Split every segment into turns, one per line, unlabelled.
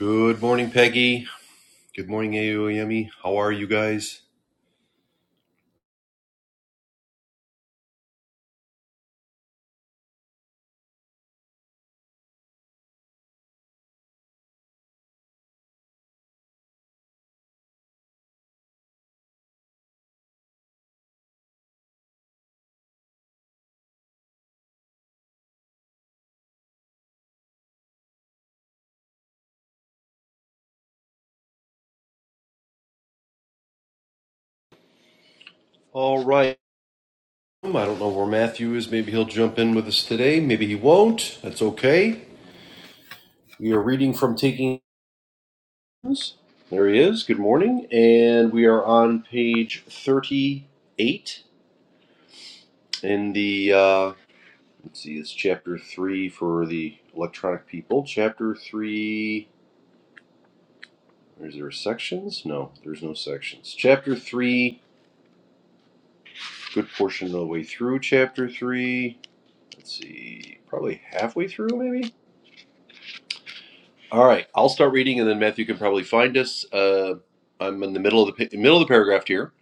Good morning, Peggy. Good morning, Aoyemi. How are you guys? All right. Um, I don't know where Matthew is. Maybe he'll jump in with us today. Maybe he won't. That's okay. We are reading from Taking Names. There he is. Good morning. And we are on page 38 in the, uh, let's see, it's chapter 3 for the electronic people. Chapter 3. Is there sections? No, there's no sections. Chapter 3, good portion of the way through chapter 3. let's see, probably halfway through, maybe. All right, I'll start reading, and then Matthew can probably find us. Uh, I'm in the middle of the middle of the paragraph here,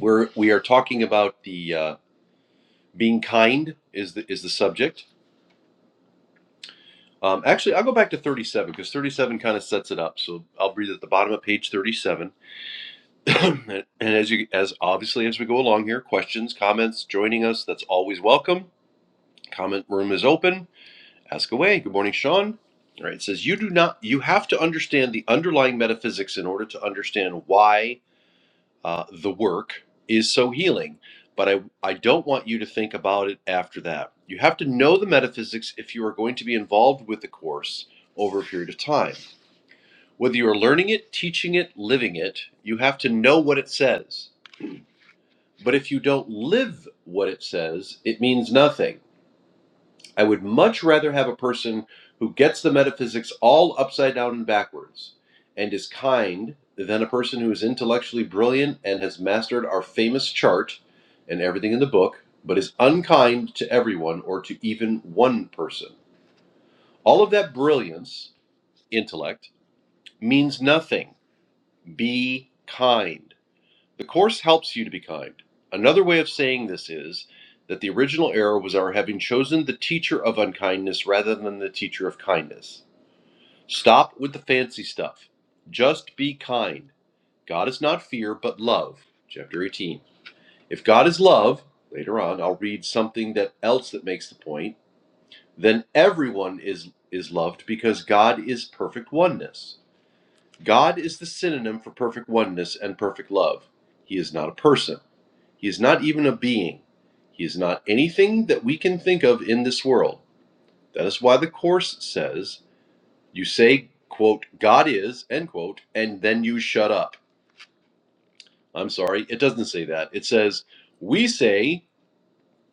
where we are talking about the uh, being kind is the is the subject. Um, actually, I'll go back to 37 because 37 kind of sets it up. So I'll read at the bottom of page 37. and and as you as obviously as we go along here, questions, comments, joining us, that's always welcome. Comment room is open. Ask away. Good morning, Sean. All right. It says you do not. You have to understand the underlying metaphysics in order to understand why uh, the work is so healing. But I, I don't want you to think about it after that. You have to know the metaphysics if you are going to be involved with the course over a period of time. Whether you are learning it, teaching it, living it, you have to know what it says. But if you don't live what it says, it means nothing. I would much rather have a person who gets the metaphysics all upside down and backwards and is kind than a person who is intellectually brilliant and has mastered our famous chart and everything in the book, but is unkind to everyone or to even one person. All of that brilliance, intellect, means nothing. Be kind. The Course helps you to be kind. Another way of saying this is that the original error was our having chosen the teacher of unkindness rather than the teacher of kindness. Stop with the fancy stuff. Just be kind. God is not fear, but love. Chapter 18. If God is love, later on, I'll read something that else that makes the point, then everyone is, is loved because God is perfect oneness. God is the synonym for perfect oneness and perfect love. He is not a person. He is not even a being. He is not anything that we can think of in this world. That is why the Course says, you say, quote, God is, end quote, and then you shut up. I'm sorry, it doesn't say that. It says, we say,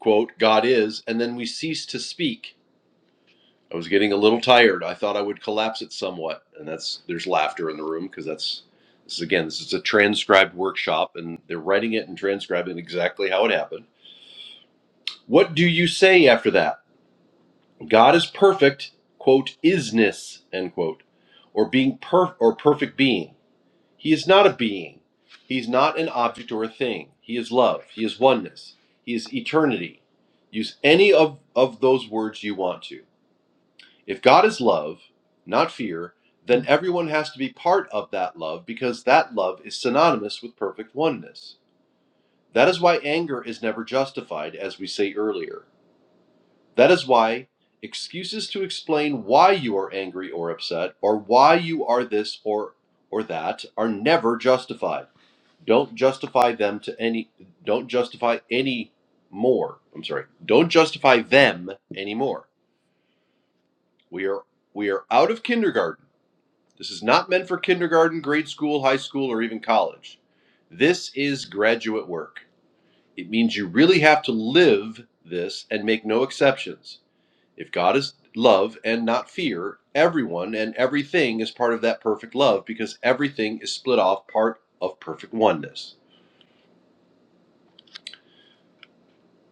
quote, God is, and then we cease to speak. I was getting a little tired. I thought I would collapse it somewhat. And that's, there's laughter in the room because that's, this is again, this is a transcribed workshop and they're writing it and transcribing exactly how it happened. What do you say after that? God is perfect, quote, isness, end quote, or being per or perfect being. He is not a being. He's not an object or a thing. He is love. He is oneness. He is eternity. Use any of, of those words you want to. If God is love, not fear, then everyone has to be part of that love because that love is synonymous with perfect oneness. That is why anger is never justified, as we say earlier. That is why excuses to explain why you are angry or upset or why you are this or or that are never justified. Don't justify them to any don't justify any more. I'm sorry. Don't justify them anymore. We are we are out of kindergarten. This is not meant for kindergarten, grade school, high school or even college. This is graduate work. It means you really have to live this and make no exceptions. If God is love and not fear, everyone and everything is part of that perfect love because everything is split off part of perfect oneness.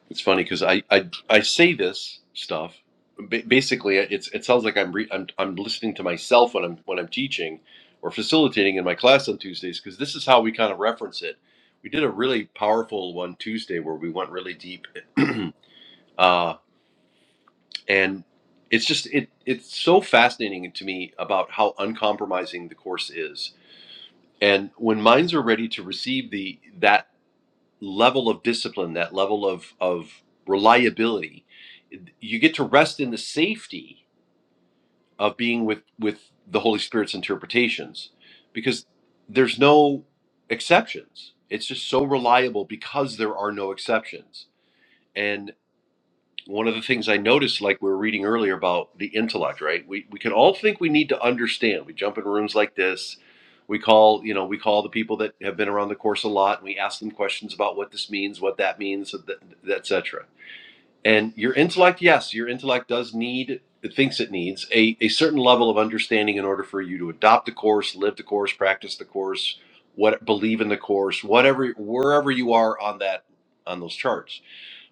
It's funny because I, I I say this stuff. ba- Basically, it's it sounds like I'm, re, I'm I'm listening to myself when I'm when I'm teaching or facilitating in my class on Tuesdays because this is how we kind of reference it. We did a really powerful one Tuesday where we went really deep. uh, and it's just it it's so fascinating to me about how uncompromising the course is and when minds are ready to receive the that level of discipline that level of of reliability you get to rest in the safety of being with with the holy spirit's interpretations because there's no exceptions it's just so reliable because there are no exceptions And one of the things I noticed, like we were reading earlier about the intellect, right? We we can all think we need to understand. We jump in rooms like this. We call, you know, we call the people that have been around the course a lot, and we ask them questions about what this means, what that means, etc. And your intellect, yes, your intellect does need, it thinks it needs a, a certain level of understanding in order for you to adopt the course, live the course, practice the course, what believe in the course, whatever, wherever you are on that on those charts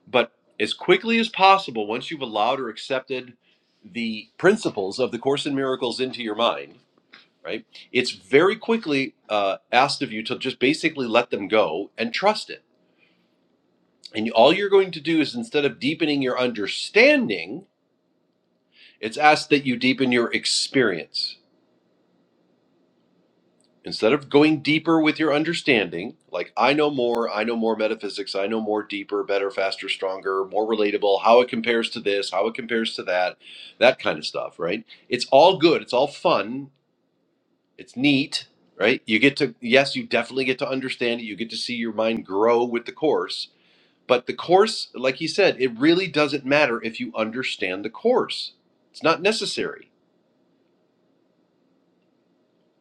but as quickly as possible, once you've allowed or accepted the principles of the Course in Miracles into your mind, right, it's very quickly uh, asked of you to just basically let them go and trust it. And all you're going to do is instead of deepening your understanding, it's asked that you deepen your experience. instead of going deeper with your understanding, like I know more, I know more metaphysics, I know more deeper, better, faster, stronger, more relatable, how it compares to this, how it compares to that, that kind of stuff, right? It's all good, it's all fun, it's neat, right? You get to, yes, you definitely get to understand it, you get to see your mind grow with the course. But the course, like he said, it really doesn't matter if you understand the course. It's not necessary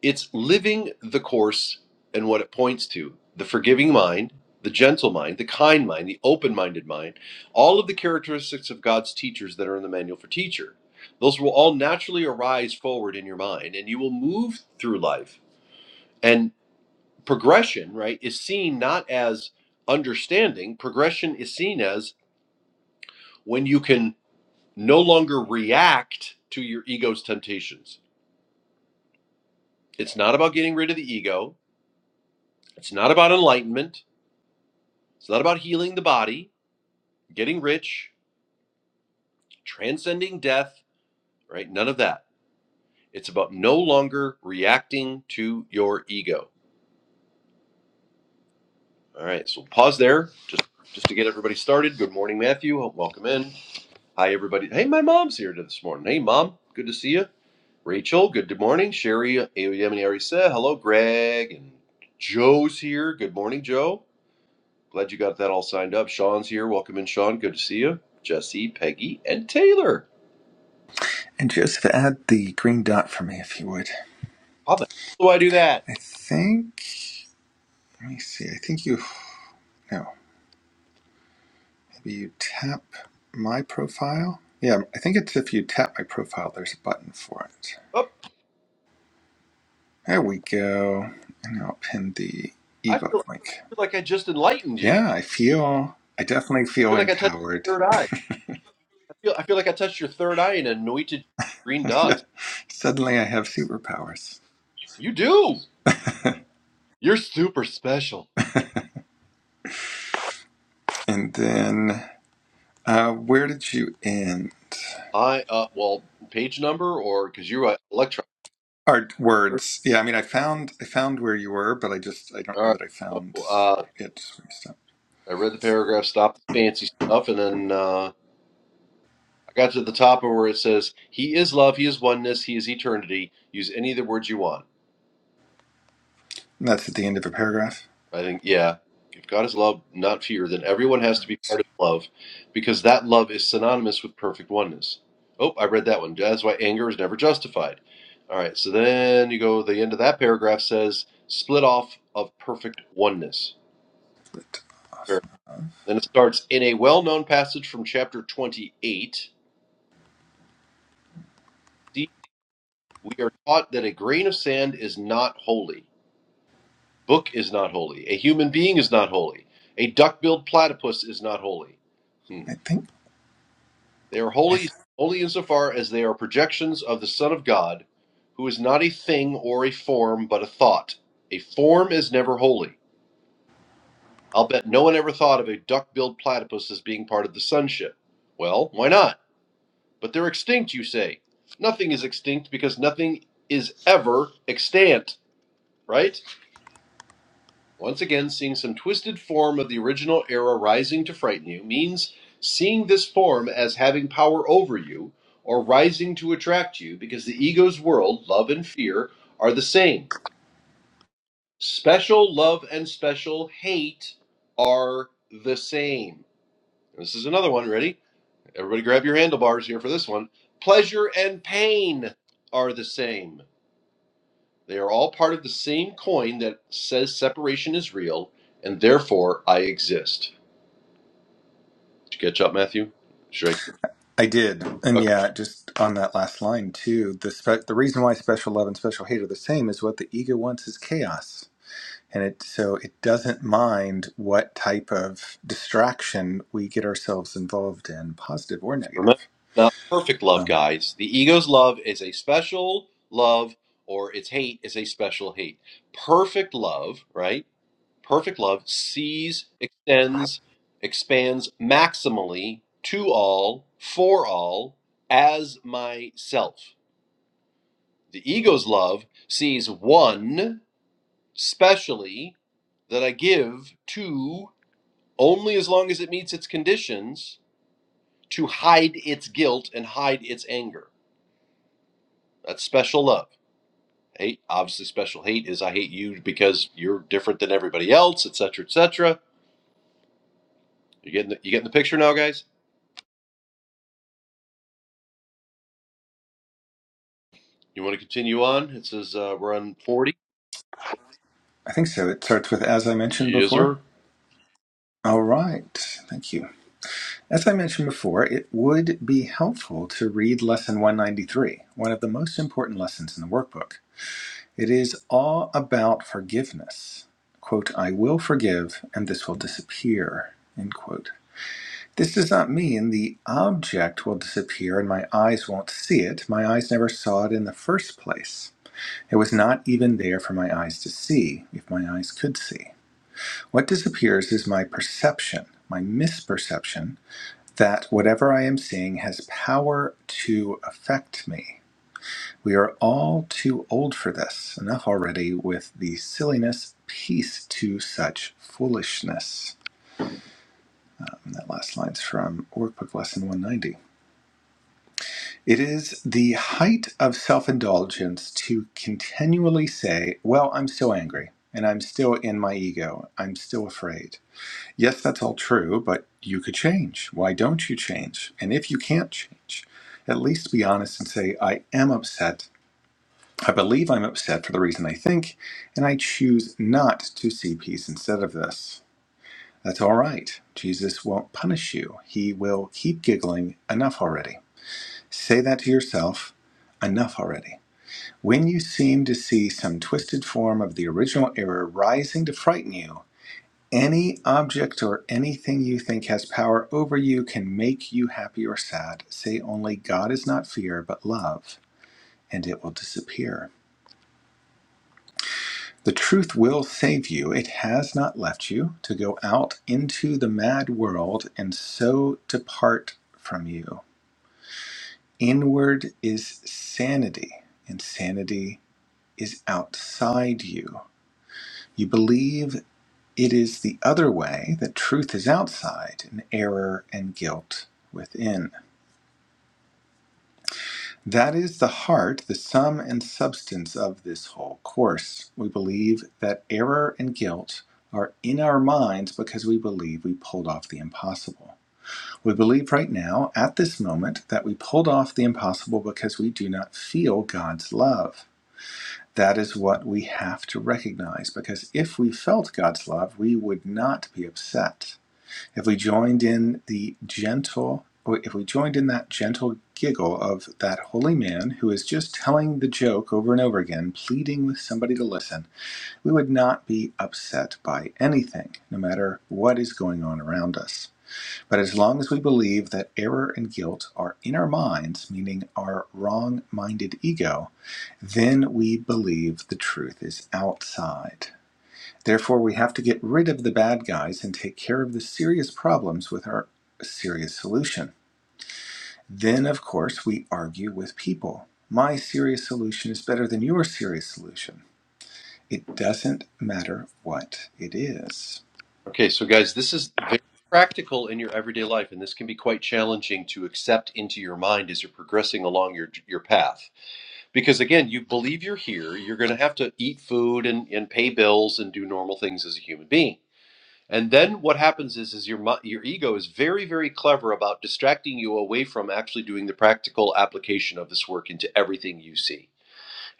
It's living the course and what it points to the forgiving mind, the gentle mind, the kind mind, the open minded mind, all of the characteristics of God's teachers that are in the manual for teacher. Those will all naturally arise forward in your mind, and you will move through life. And progression, right, is seen not as understanding, progression is seen as when you can no longer react to your ego's temptations. It's not about getting rid of the ego, it's not about enlightenment, It's not about healing the body, getting rich, transcending death, right? None of that. It's about no longer reacting to your ego. All right, so we'll pause there just just to get everybody started. Good morning, Matthew. Welcome in. Hi, everybody. Hey, my mom's here this morning. Hey, mom. Good to see you. Rachel, good morning. Sherry, Ayodemini hello. Greg and Joe's here. Good morning, Joe. Glad you got that all signed up. Sean's here. Welcome in, Sean. Good to see you. Jesse, Peggy, and Taylor.
And Joseph, add the green dot for me if you would.
How do I do that?
I think, let me see, I think you, no, maybe you tap my profile. Yeah, I think it's if you tap my profile, there's a button for it.
Oh,
There we go. And I'll pin the
I feel
ebook
I
link.
feel like I just enlightened you.
Yeah, I feel, I definitely
I
feel
feel like I touched
empowered.
your third eye. I feel I feel like I touched your third eye and anointed green
yeah,
dots.
suddenly I have superpowers.
You do. You're super special.
And then, uh, where did you end?
I uh well page number or because you're an electron.
Art
All
words. Yeah, I mean, I found I found where you were, but I just I don't know
right.
that I
So
found
uh,
it. Where you stopped.
I read the paragraph, stopped the fancy stuff, and then uh, I got to the top of where it says, "He is love. He is oneness. He is eternity." Use any of the words you want.
And that's at the end of a paragraph.
I think, yeah, if God is love, not fear, then everyone has to be part of love because that love is synonymous with perfect oneness. Oh, I read that one. That's why anger is never justified. All right, so then you go, the end of that paragraph says, split off of perfect oneness.
Split off
Fair.
of.
Then it starts in a well known passage from chapter 28. See, we are taught that a grain of sand is not holy, book is not holy, a human being is not holy, a duck billed platypus is not holy.
I think
They are
I, th-
holy only insofar as they are projections of the Son of God, who is not a thing or a form, but a thought. A form is never holy. I'll bet no one ever thought of a duck-billed platypus as being part of the sonship. Well, why not? But they're extinct, you say. Nothing is extinct because nothing is ever extant, right? Once again, seeing some twisted form of the original era rising to frighten you means seeing this form as having power over you or rising to attract you because the ego's world, love and fear, are the same. Special love and special hate are the same. This is another one. Ready? Everybody grab your handlebars here for this one. Pleasure and pain are the same. They are all part of the same coin that says separation is real and therefore I exist. Did you catch up, Matthew? Shrek.
I did, and
Okay.
yeah, just on that last line too. The spe- the reason why special love and special hate are the same is what the ego wants is chaos, and it so it doesn't mind what type of distraction we get ourselves involved in, positive or
Remember,
negative.
not perfect love,
Um,
guys. The ego's love is a special love, or its hate is a special hate. Perfect love, right? Perfect love sees, extends, expands maximally to all, for all, as myself. The ego's love sees one specially that I give to only as long as it meets its conditions to hide its guilt and hide its anger. That's special love. Hate, obviously, special hate is I hate you because you're different than everybody else, etc., etc. You getting the, you getting the picture now, guys? You want to continue on? It says uh, we're on forty.
I think so. It starts with as I mentioned
Yes, sir.
before. All right. Thank you. As I mentioned before, it would be helpful to read Lesson 193, one of the most important lessons in the workbook. It is all about forgiveness. Quote, I will forgive and this will disappear. End quote. This does not mean the object will disappear and my eyes won't see it. My eyes never saw it in the first place. It was not even there for my eyes to see, if my eyes could see. What disappears is my perception, my misperception that whatever I am seeing has power to affect me. We are all too old for this. Enough already with the silliness. Peace to such foolishness. And that last line's from Workbook Lesson 190. It is the height of self indulgence to continually say, Well, I'm still angry, and I'm still in my ego, I'm still afraid. Yes, that's all true, but you could change. Why don't you change? And if you can't change, at least be honest and say, I am upset. I believe I'm upset for the reason I think, and I choose not to see peace instead of this. That's all right. Jesus won't punish you. He will keep giggling. Enough already. Say that to yourself. Enough already. When you seem to see some twisted form of the original error rising to frighten you, any object or anything you think has power over you can make you happy or sad. Say only, God is not fear, but love, and it will disappear. The truth will save you. It has not left you to go out into the mad world and so depart from you. Inward is sanity, and sanity is outside you. You believe it is the other way, that truth is outside, and error and guilt within. That is the heart, the sum and substance of this whole course. We believe that error and guilt are in our minds because we believe we pulled off the impossible. We believe right now, at this moment, that we pulled off the impossible because we do not feel God's love. That is what we have to recognize because if we felt God's love, we would not be upset if we joined in the gentle oh, if we joined in that gentle giggle of that holy man who is just telling the joke over and over again, pleading with somebody to listen, we would not be upset by anything, no matter what is going on around us. But as long as we believe that error and guilt are in our minds, meaning our wrong minded ego, then we believe the truth is outside. Therefore, we have to get rid of the bad guys and take care of the serious problems with our serious solution. Then, of course, we argue with people. My serious solution is better than your serious solution. It doesn't matter what it is.
Okay, so guys, this is very practical in your everyday life, and this can be quite challenging to accept into your mind as you're progressing along your your path. Because again, you believe you're here, you're going to have to eat food and, and pay bills and do normal things as a human being. And then what happens is, is your your ego is very, very clever about distracting you away from actually doing the practical application of this work into everything you see.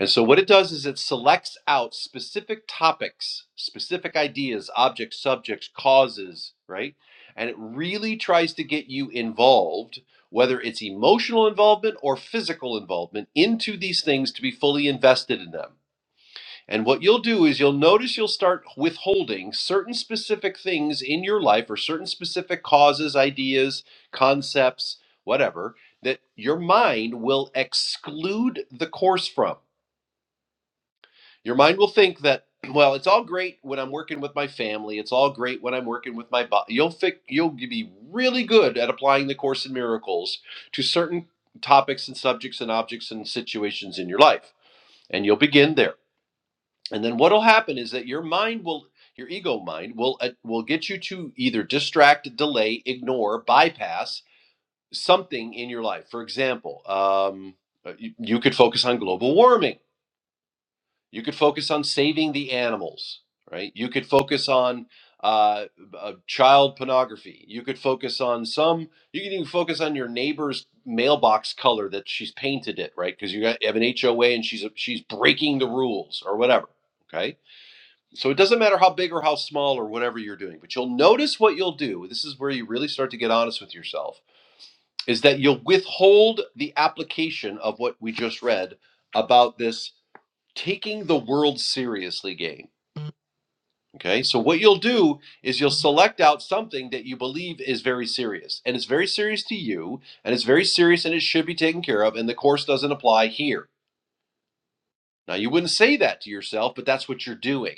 And so what it does is it selects out specific topics, specific ideas, objects, subjects, causes, right? And it really tries to get you involved, whether it's emotional involvement or physical involvement, into these things to be fully invested in them. And what you'll do is you'll notice you'll start withholding certain specific things in your life or certain specific causes, ideas, concepts, whatever, that your mind will exclude the course from. Your mind will think that, well, it's all great when I'm working with my family. It's all great when I'm working with my body. You'll fi- you'll be really good at applying the course in miracles to certain topics and subjects and objects and situations in your life. And you'll begin there. And then what'll happen is that your mind will, your ego mind will uh, will get you to either distract, delay, ignore, bypass something in your life. For example, um, uh, you, you could focus on global warming. You could focus on saving the animals, right? You could focus on uh, uh, child pornography. You could focus on some. You can even focus on your neighbor's mailbox color that she's painted it, right? Because you got, have an HOA and she's she's breaking the rules or whatever. Okay so it doesn't matter how big or how small or whatever you're doing, but you'll notice what you'll do. This is where you really start to get honest with yourself is that you'll withhold the application of what we just read about this taking the world seriously game. Okay? So what you'll do is you'll select out something that you believe is very serious and it's very serious to you and it's very serious and it should be taken care of and the course doesn't apply here. Now you wouldn't say that to yourself, but that's what you're doing.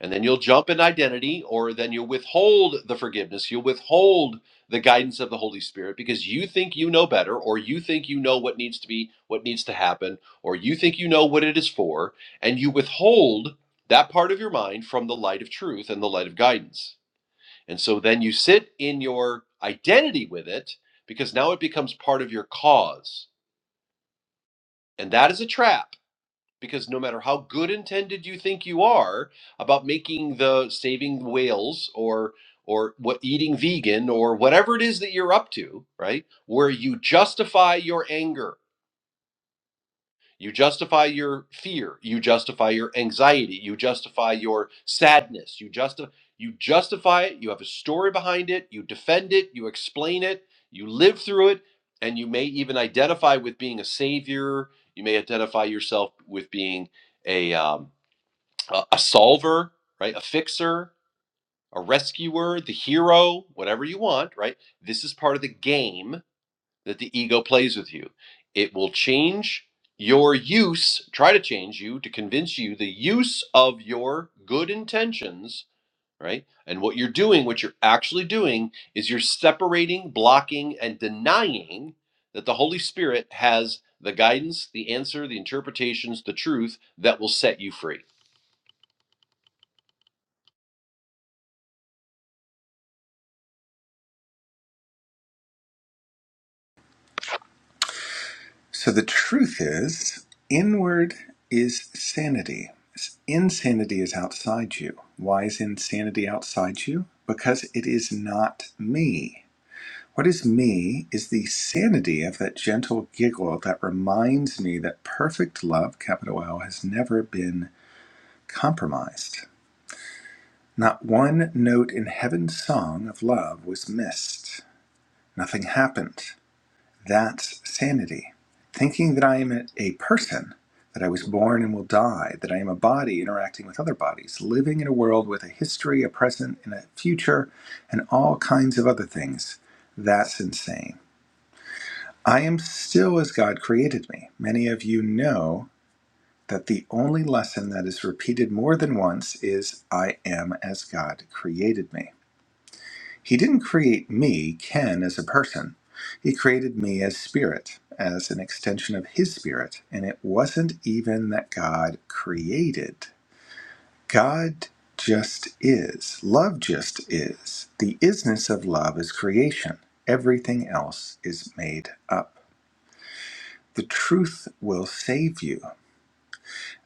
And then you'll jump in identity, or then you'll withhold the forgiveness. You'll withhold the guidance of the Holy Spirit because you think you know better, or you think you know what needs to be, what needs to happen, or you think you know what it is for, and you withhold that part of your mind from the light of truth and the light of guidance. And so then you sit in your identity with it because now it becomes part of your cause. And that is a trap because no matter how good intended you think you are about making the saving whales or or what eating vegan or whatever it is that you're up to right where you justify your anger you justify your fear you justify your anxiety you justify your sadness you justify you justify it you have a story behind it you defend it you explain it you live through it and you may even identify with being a savior you may identify yourself with being a um, a, a solver, right? A fixer, a rescuer, the hero, whatever you want, right? This is part of the game that the ego plays with you. It will change your use, try to change you to convince you the use of your good intentions, right? And what you're doing, what you're actually doing, is you're separating, blocking, and denying that the Holy Spirit has the guidance, the answer, the interpretations, the truth that will set you free.
So, the truth is, inward is sanity. Insanity is outside you. Why is insanity outside you? Because it is not me. What is me is the sanity of that gentle giggle that reminds me that perfect love, capital L, has never been compromised. Not one note in heaven's song of love was missed. Nothing happened. That's sanity. Thinking that I am a person, that I was born and will die, that I am a body interacting with other bodies, living in a world with a history, a present, and a future, and all kinds of other things. That's insane. I am still as God created me. Many of you know that the only lesson that is repeated more than once is I am as God created me. He didn't create me, Ken, as a person. He created me as spirit, as an extension of his spirit. And it wasn't even that God created. God just is. Love just is. The isness of love is creation. Everything else is made up. The truth will save you.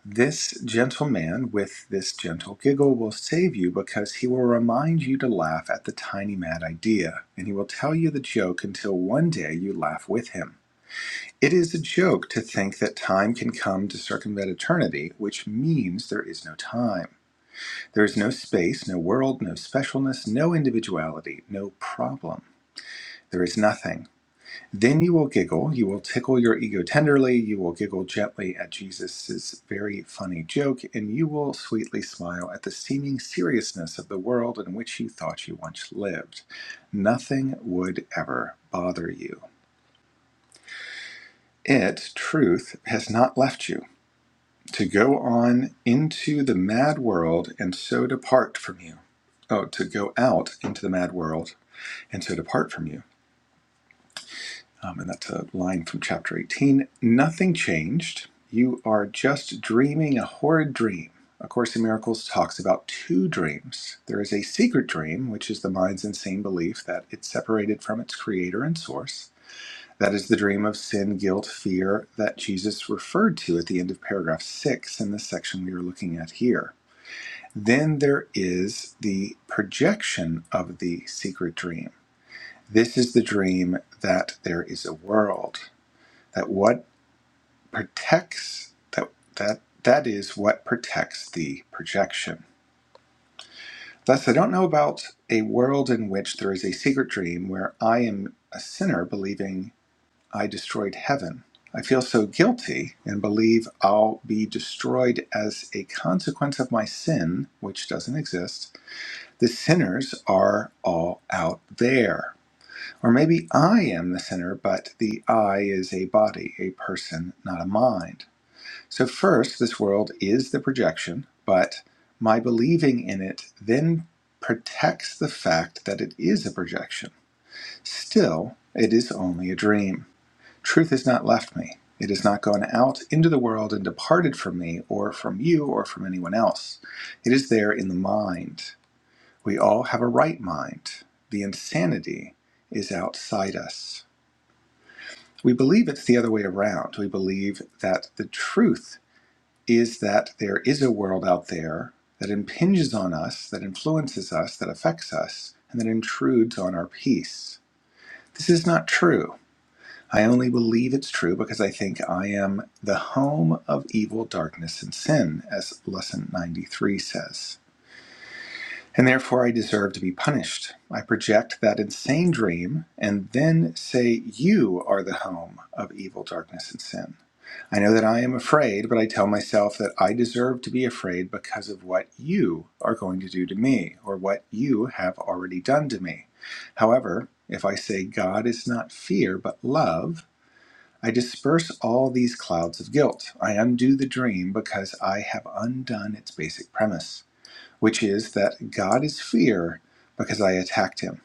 This gentle man with this gentle giggle will save you because he will remind you to laugh at the tiny mad idea, and he will tell you the joke until one day you laugh with him. It is a joke to think that time can come to circumvent eternity, which means there is no time. There is no space, no world, no specialness, no individuality, no problem. There is nothing. Then you will giggle. You will tickle your ego tenderly. You will giggle gently at Jesus' very funny joke, and you will sweetly smile at the seeming seriousness of the world in which you thought you once lived. Nothing would ever bother you. It, truth, has not left you to go on into the mad world and so depart from you. Oh, to go out into the mad world and so depart from you. Um, and that's a line from chapter 18. Nothing changed. You are just dreaming a horrid dream. A Course in Miracles talks about two dreams. There is a secret dream, which is the mind's insane belief that it's separated from its creator and source. That is the dream of sin, guilt, fear that Jesus referred to at the end of paragraph six in the section we are looking at here. Then there is the projection of the secret dream. This is the dream that there is a world that what protects that that that is what protects the projection. Thus, I don't know about a world in which there is a secret dream where I am a sinner believing I destroyed heaven. I feel so guilty and believe I'll be destroyed as a consequence of my sin, which doesn't exist. The sinners are all out there. Or maybe I am the sinner, but the I is a body, a person, not a mind. So, first, this world is the projection, but my believing in it then protects the fact that it is a projection. Still, it is only a dream. Truth has not left me. It has not gone out into the world and departed from me, or from you, or from anyone else. It is there in the mind. We all have a right mind. The insanity is outside us. We believe it's the other way around. We believe that the truth is that there is a world out there that impinges on us, that influences us, that affects us, and that intrudes on our peace. This is not true. I only believe it's true because I think I am the home of evil, darkness, and sin, as Lesson 93 says. And therefore, I deserve to be punished. I project that insane dream and then say, You are the home of evil, darkness, and sin. I know that I am afraid, but I tell myself that I deserve to be afraid because of what you are going to do to me or what you have already done to me. However, if I say God is not fear but love, I disperse all these clouds of guilt. I undo the dream because I have undone its basic premise, which is that God is fear because I attacked him.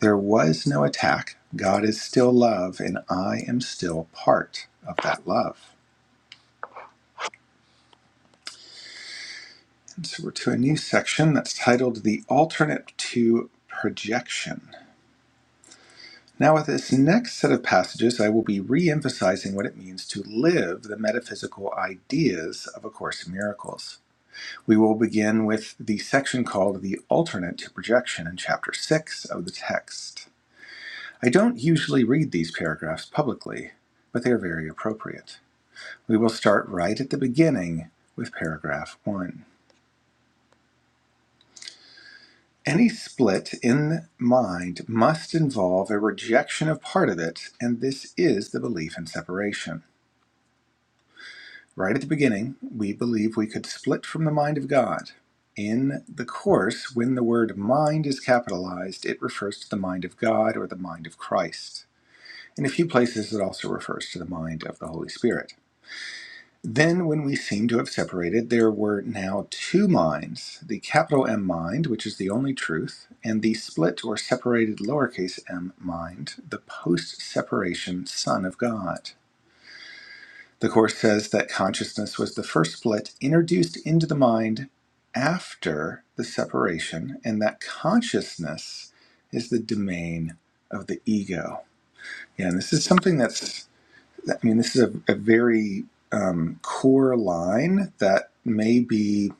There was no attack. God is still love, and I am still part of that love. And So we're to a new section that's titled The Alternate to Projection. Now, with this next set of passages, I will be re emphasizing what it means to live the metaphysical ideas of A Course in Miracles. We will begin with the section called The Alternate to Projection in Chapter 6 of the text. I don't usually read these paragraphs publicly, but they are very appropriate. We will start right at the beginning with paragraph 1. Any split in mind must involve a rejection of part of it, and this is the belief in separation. Right at the beginning, we believe we could split from the mind of God. In the Course, when the word mind is capitalized, it refers to the mind of God or the mind of Christ. In a few places, it also refers to the mind of the Holy Spirit. Then, when we seem to have separated, there were now two minds the capital M mind, which is the only truth, and the split or separated lowercase m mind, the post separation Son of God. The Course says that consciousness was the first split introduced into the mind after the separation, and that consciousness is the domain of the ego. Yeah, and this is something that's I mean, this is a, a very um, core line that may be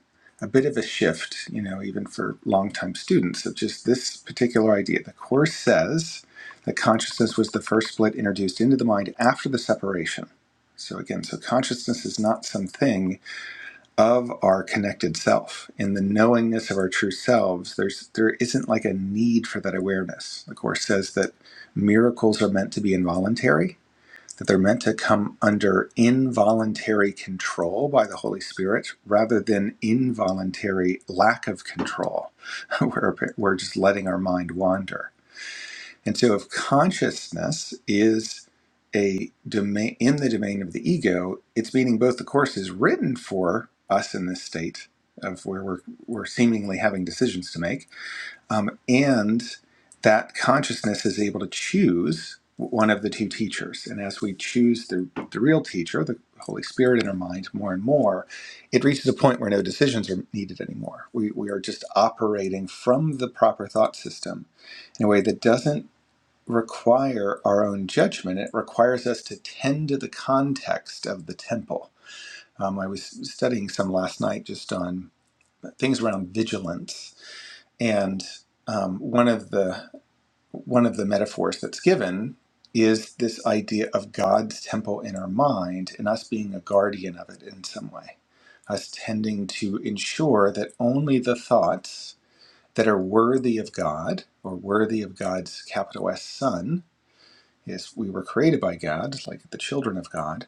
a bit of a shift, you know, even for longtime students of just this particular idea. The Course says that consciousness was the first split introduced into the mind after the separation. So, again, so consciousness is not something of our connected self. In the knowingness of our true selves, there's, there isn't like a need for that awareness. The Course says that miracles are meant to be involuntary that they're meant to come under involuntary control by the Holy Spirit rather than involuntary lack of control, where we're just letting our mind wander. And so, if consciousness is a domain in the domain of the ego, it's meaning both the course is written for us in this state of where we're, we're seemingly having decisions to make, um, and that consciousness is able to choose one of the two teachers. And as we choose the, the real teacher, the Holy Spirit in our mind more and more, it reaches a point where no decisions are needed anymore. We, we are just operating from the proper thought system in a way that doesn't require our own judgment. It requires us to tend to the context of the temple. Um, I was studying some last night just on things around vigilance and um, one of the one of the metaphors that's given is this idea of God's temple in our mind and us being a guardian of it in some way, us tending to ensure that only the thoughts that are worthy of God or worthy of God's capital S Son, is we were created by God, like the children of God,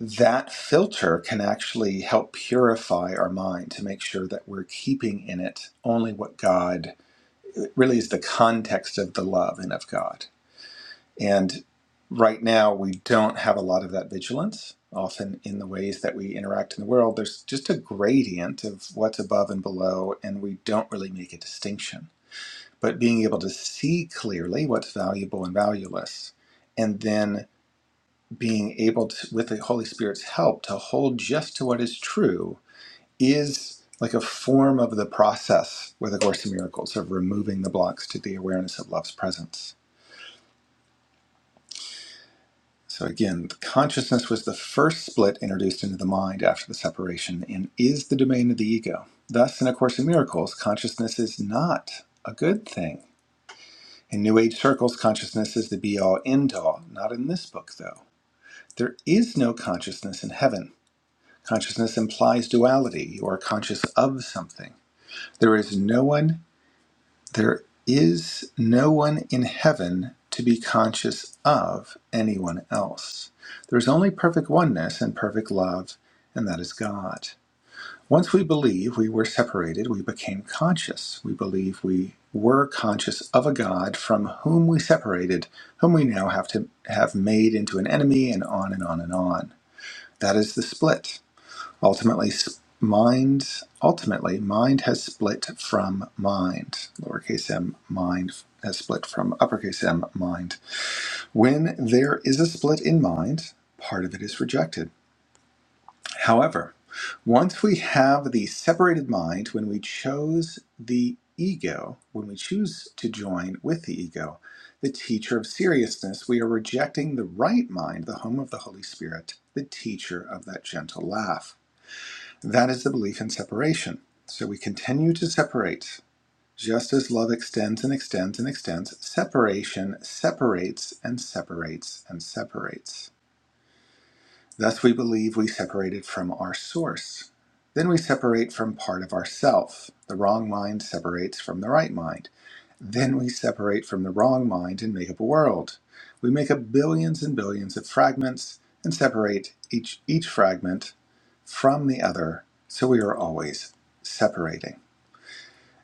that filter can actually help purify our mind to make sure that we're keeping in it only what God really is the context of the love and of God. And right now, we don't have a lot of that vigilance. Often, in the ways that we interact in the world, there's just a gradient of what's above and below, and we don't really make a distinction. But being able to see clearly what's valuable and valueless, and then being able to, with the Holy Spirit's help, to hold just to what is true is like a form of the process with A Course in Miracles of removing the blocks to the awareness of love's presence So again, consciousness was the first split introduced into the mind after the separation and is the domain of the ego. Thus, in A Course in Miracles, consciousness is not a good thing. In New Age circles, consciousness is the be all end all, not in this book though. There is no consciousness in heaven. Consciousness implies duality. You are conscious of something. There is no one there is no one in heaven to be conscious of anyone else. There is only perfect oneness and perfect love, and that is God. Once we believe we were separated, we became conscious. We believe we were conscious of a God from whom we separated, whom we now have to have made into an enemy, and on and on and on. That is the split. Ultimately, mind. Ultimately, mind has split from mind. Lowercase m mind has split from uppercase m mind. When there is a split in mind, part of it is rejected. However, once we have the separated mind, when we chose the ego, when we choose to join with the ego, the teacher of seriousness, we are rejecting the right mind, the home of the Holy Spirit, the teacher of that gentle laugh. That is the belief in separation. So we continue to separate. Just as love extends and extends and extends, separation separates and separates and separates. Thus, we believe we separated from our source. Then we separate from part of ourself. The wrong mind separates from the right mind. Then we separate from the wrong mind and make up a world. We make up billions and billions of fragments and separate each each fragment from the other, so we are always separating.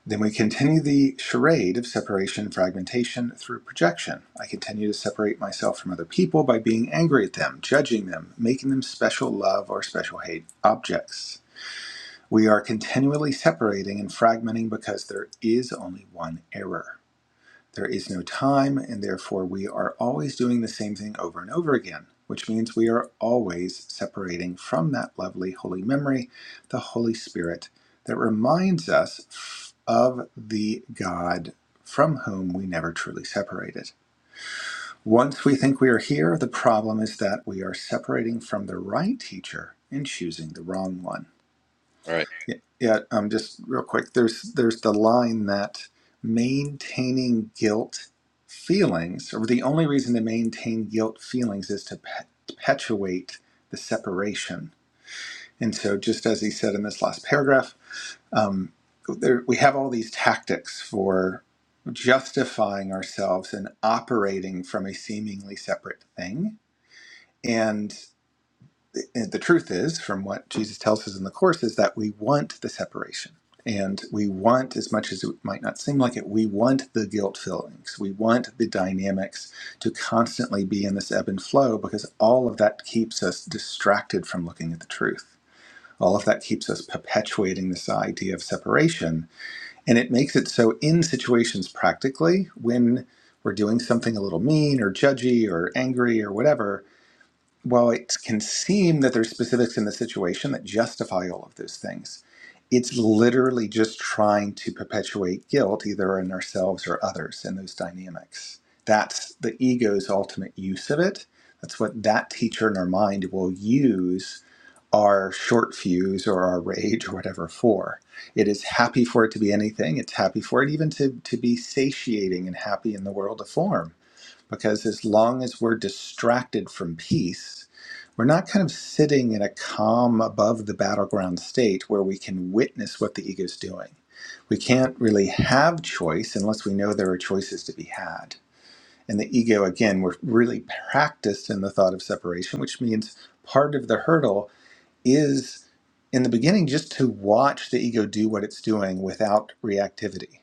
Then we continue the charade of separation and fragmentation through projection. I continue to separate myself from other people by being angry at them, judging them, making them special love or special hate objects. We are continually separating and fragmenting because there is only one error. There is no time, and therefore we are always doing the same thing over and over again, which means we are always separating from that lovely holy memory the Holy Spirit that reminds us of the God from whom we never truly separated. Once we think we are here, the problem is that we are separating from the right teacher and choosing the wrong one.
All Right.
Yeah, yeah, um, just real quick. There's there's the line that maintaining guilt feelings, or the only reason to maintain guilt feelings is to pe- perpetuate the separation. And so, just as he said in this last paragraph, um, there, we have all these tactics for justifying ourselves and operating from a seemingly separate thing and the truth is, from what Jesus tells us in the Course, is that we want the separation. And we want, as much as it might not seem like it, we want the guilt feelings. We want the dynamics to constantly be in this ebb and flow because all of that keeps us distracted from looking at the truth. All of that keeps us perpetuating this idea of separation. And it makes it so in situations practically when we're doing something a little mean or judgy or angry or whatever, while it can seem that there's specifics in the situation that justify all of those things, it's literally just trying to perpetuate guilt either in ourselves or others in those dynamics. That's the ego's ultimate use of it. That's what that teacher in our mind will use our short fuse or our rage or whatever for. It is happy for it to be anything. It's happy for it even to, to be satiating and happy in the world of form because as long as we're distracted from peace, we're not kind of sitting in a calm above the battleground state where we can witness what the ego's doing. We can't really have choice unless we know there are choices to be had. And the ego, again, we're really practiced in the thought of separation, which means part of the hurdle is in the beginning just to watch the ego do what it's doing without reactivity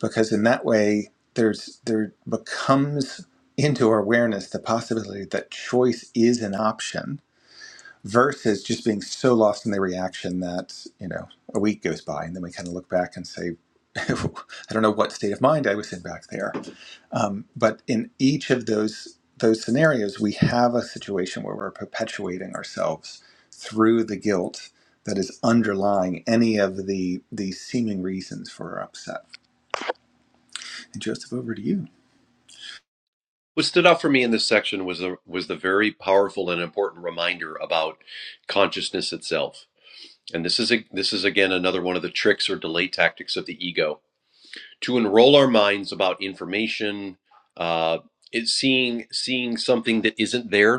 because in that way there's there becomes into our awareness the possibility that choice is an option versus just being so lost in the reaction that you know a week goes by and then we kind of look back and say i don't know what state of mind i was in back there um, but in each of those those scenarios we have a situation where we're perpetuating ourselves through the guilt that is underlying any of the the seeming reasons for our upset and Joseph, over to you.
What stood out for me in this section was the was the very powerful and important reminder about consciousness itself. And this is a, this is again another one of the tricks or delay tactics of the ego to enroll our minds about information uh it's seeing seeing something that isn't there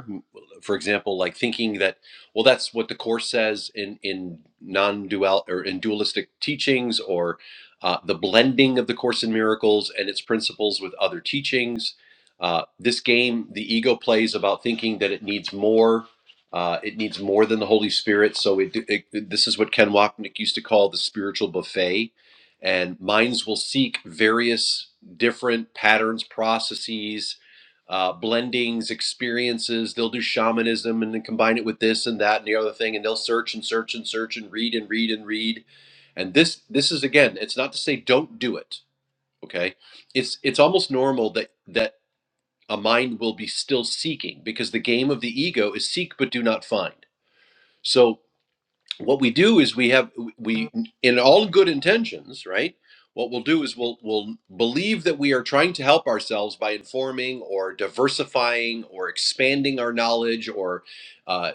for example like thinking that well that's what the course says in in non-dual or in dualistic teachings or uh, the blending of the course in miracles and its principles with other teachings uh, this game the ego plays about thinking that it needs more uh, it needs more than the holy spirit so it, it this is what ken wapnick used to call the spiritual buffet and minds will seek various different patterns, processes, uh, blendings, experiences. They'll do shamanism and then combine it with this and that and the other thing, and they'll search and search and search and read and read and read. And this this is again, it's not to say don't do it. Okay, it's it's almost normal that that a mind will be still seeking because the game of the ego is seek but do not find. So what we do is we have we in all good intentions right what we'll do is we'll we'll believe that we are trying to help ourselves by informing or diversifying or expanding our knowledge or uh,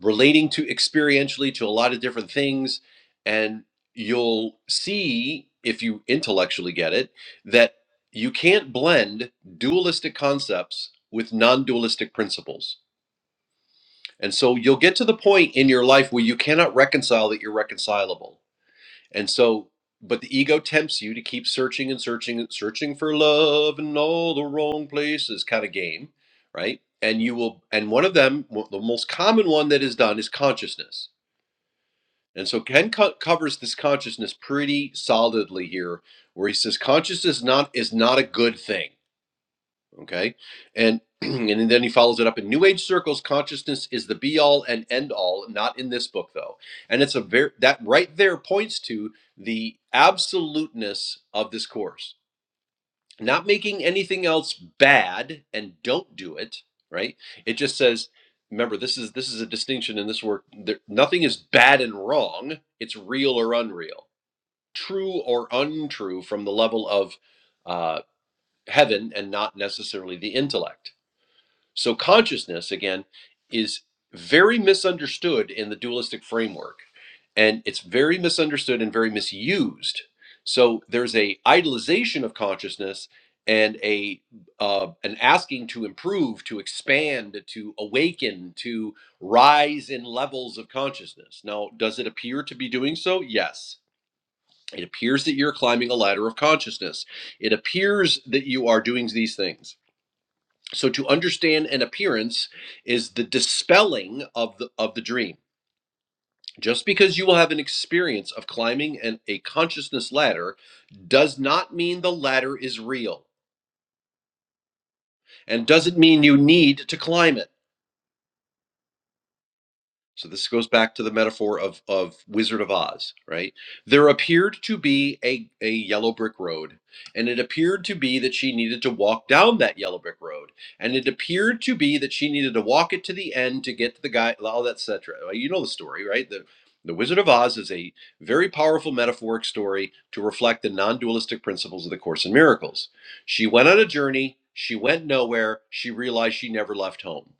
relating to experientially to a lot of different things and you'll see if you intellectually get it that you can't blend dualistic concepts with non-dualistic principles and so you'll get to the point in your life where you cannot reconcile that you're reconcilable. And so, but the ego tempts you to keep searching and searching and searching for love in all the wrong places kind of game, right? And you will, and one of them, w- the most common one that is done is consciousness. And so Ken co- covers this consciousness pretty solidly here, where he says consciousness not is not a good thing Okay. And and then he follows it up in New Age circles, consciousness is the be all and end all, not in this book though. And it's a very that right there points to the absoluteness of this course. Not making anything else bad and don't do it, right? It just says remember this is this is a distinction in this work there, nothing is bad and wrong it's real or unreal true or untrue from the level of uh, heaven and not necessarily the intellect so consciousness, again, is very misunderstood in the dualistic framework, and it's very misunderstood and very misused. So there's a idolization of consciousness and a uh, an asking to improve, to expand, to awaken, to rise in levels of consciousness. Now, does it appear to be doing so? Yes. It appears that you're climbing a ladder of consciousness. It appears that you are doing these things so to understand an appearance is the dispelling of the of the dream. Just because you will have an experience of climbing an, a consciousness ladder does not mean the ladder is real and doesn't mean you need to climb it. So this goes back to the metaphor of of Wizard of Oz, right? There appeared to be a a yellow brick road, and it appeared to be that she needed to walk down that yellow brick road, and it appeared to be that she needed to walk it to the end to get to the guy, all that etc. You know the story, right? The the Wizard of Oz is a very powerful metaphoric story to reflect the non-dualistic principles of the Course in Miracles. She went on a journey, she went nowhere, she realized she never left home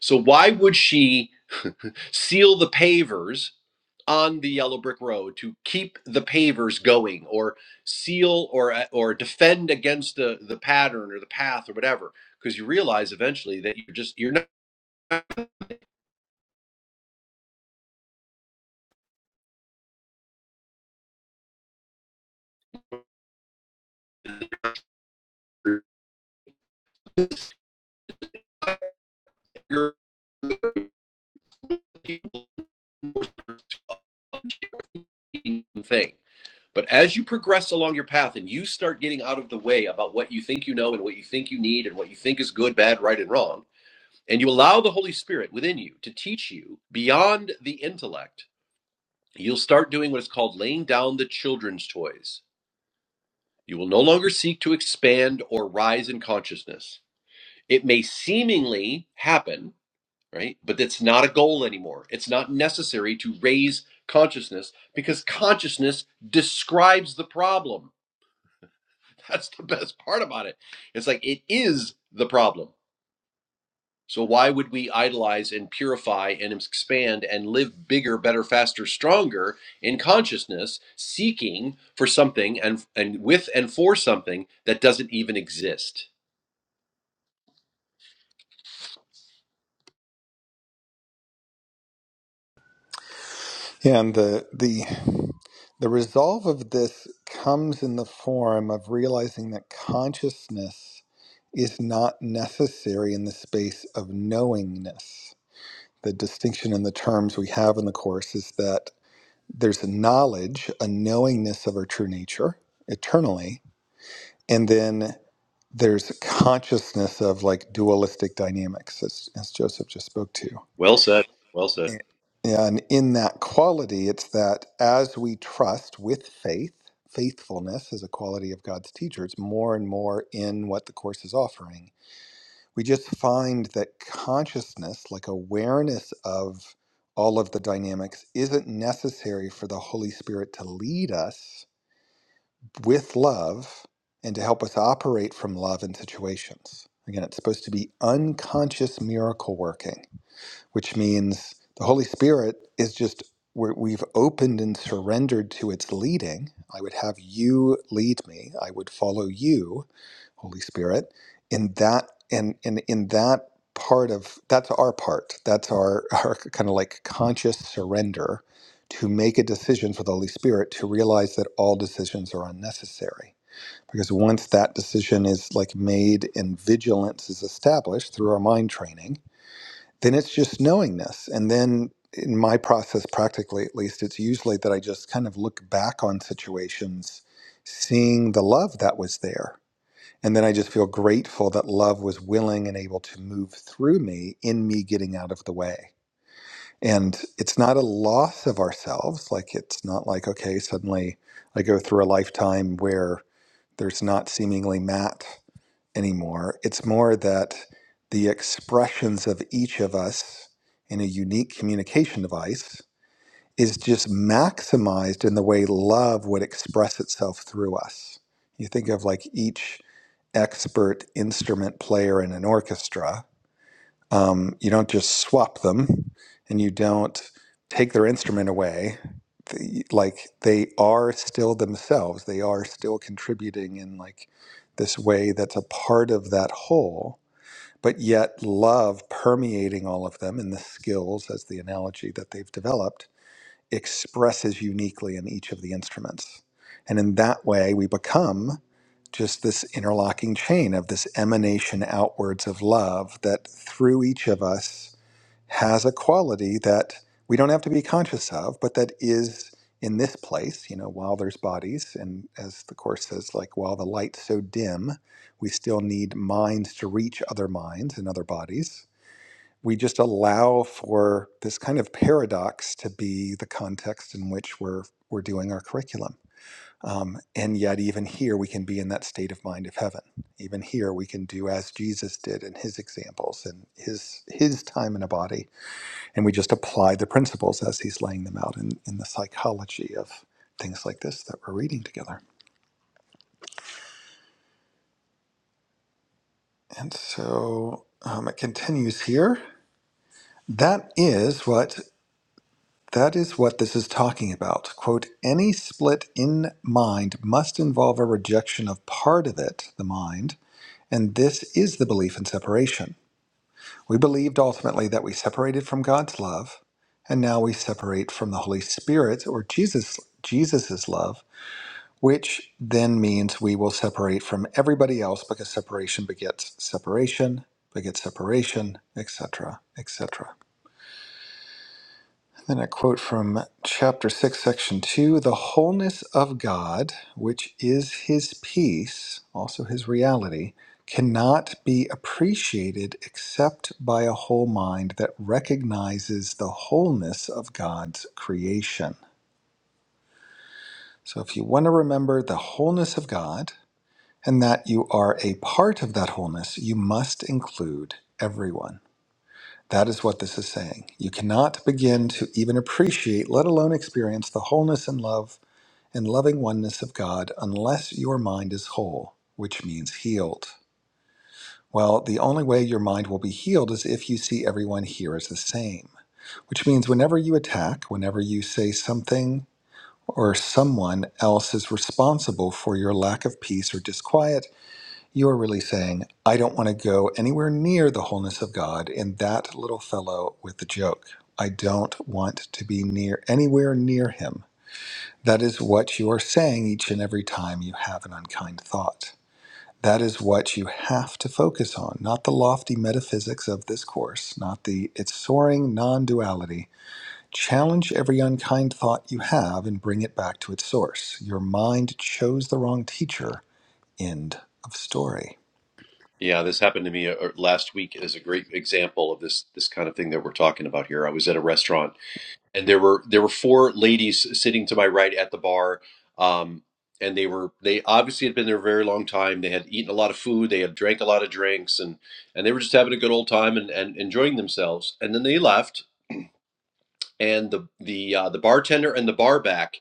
so why would she seal the pavers on the yellow brick road to keep the pavers going or seal or uh, or defend against the the pattern or the path or whatever because you realize eventually that you're just you're not you're doing the thing but as you progress along your path and you start getting out of the way about what you think you know and what you think you need and what you think is good bad right and wrong and you allow the holy spirit within you to teach you beyond the intellect You'll start doing what is called laying down the children's toys. You will no longer seek to expand or rise in consciousness. It may seemingly happen, right? But it's not a goal anymore. It's not necessary to raise consciousness because consciousness describes the problem. That's the best part about it. It's like it is the problem. So why would we idolize and purify and expand and live bigger, better, faster, stronger in consciousness, seeking for something and and with and for something that doesn't even exist?
Yeah, and the the the resolve of this comes in the form of realizing that consciousness is not necessary in the space of knowingness. The distinction in the terms we have in the course is that there's a knowledge, a knowingness of our true nature eternally, and then there's consciousness of like dualistic dynamics, as, as Joseph just spoke to.
Well said. Well said.
And and in that quality, it's that as we trust with faith, faithfulness is a quality of God's teacher, it's more and more in what the Course is offering. We just find that consciousness, like awareness of all of the dynamics, isn't necessary for the Holy Spirit to lead us with love and to help us operate from love in situations. Again, it's supposed to be unconscious miracle working which means the Holy Spirit is just where we've opened and surrendered to its leading. I would have you lead me. I would follow you, Holy Spirit. In that and in, in, in that part of that's our part. That's our, our kind of like conscious surrender to make a decision for the Holy Spirit to realize that all decisions are unnecessary. Because once that decision is like made and vigilance is established through our mind training, then it's just knowingness. And then in my process, practically at least, it's usually that I just kind of look back on situations, seeing the love that was there. And then I just feel grateful that love was willing and able to move through me in me getting out of the way. And it's not a loss of ourselves. Like, it's not like, okay, suddenly I go through a lifetime where there's not seemingly Matt anymore. It's more that the expressions of each of us in a unique communication device is just maximized in the way love would express itself through us. You think of like each expert instrument player in an orchestra um, you don't just swap them and you don't take their instrument away. The, like they are still themselves, they are still contributing in like this way that's a part of that whole, but yet love permeating all of them and the skills as the analogy that they've developed expresses uniquely in each of the instruments. And in that way, we become just this interlocking chain of this emanation outwards of love that through each of us has a quality that we don't have to be conscious of, but that is in this place, you know, while there's bodies. And as the Course says, like, while the light's so dim, we still need minds to reach other minds and other bodies we just allow for this kind of paradox to be the context in which we're we're doing our curriculum. Um, and yet, even here, we can be in that state of mind of heaven. Even here, we can do as Jesus did in his examples and his his time in a body, and we just apply the principles as he's laying them out in, in the psychology of things like this that we're reading together. And so um, it continues here. That is what That is what this is talking about. Quote, any split in mind must involve a rejection of part of it, the mind, and this is the belief in separation. We believed ultimately that we separated from God's love, and now we separate from the Holy Spirit or Jesus Jesus's love, which then means we will separate from everybody else because separation begets separation, begets separation, etc., etc. Then a quote from chapter 6, section 2 The wholeness of God, which is his peace, also his reality, cannot be appreciated except by a whole mind that recognizes the wholeness of God's creation. So if you want to remember the wholeness of God and that you are a part of that wholeness, you must include everyone. That is what this is saying. You cannot begin to even appreciate, let alone experience, the wholeness and love and loving oneness of God unless your mind is whole, which means healed. Well, the only way your mind will be healed is if you see everyone here as the same, which means whenever you attack, whenever you say something or someone else is responsible for your lack of peace or disquiet, you are really saying, I don't want to go anywhere near the wholeness of God in that little fellow with the joke. I don't want to be near anywhere near him. That is what you are saying each and every time you have an unkind thought. That is what you have to focus on, not the lofty metaphysics of this course, not the its soaring non duality. Challenge every unkind thought you have and bring it back to its source. Your mind chose the wrong teacher. End of story.
Yeah, this happened to me uh, uh, last week as a great example of this this kind of thing that we're talking about here. I was at a restaurant and there were there were four ladies sitting to my right at the bar um and they were they obviously had been there a very long time they had eaten a lot of food they had drank a lot of drinks and and they were just having a good old time and, and enjoying themselves and then they left and the the uh, the bartender and the bar back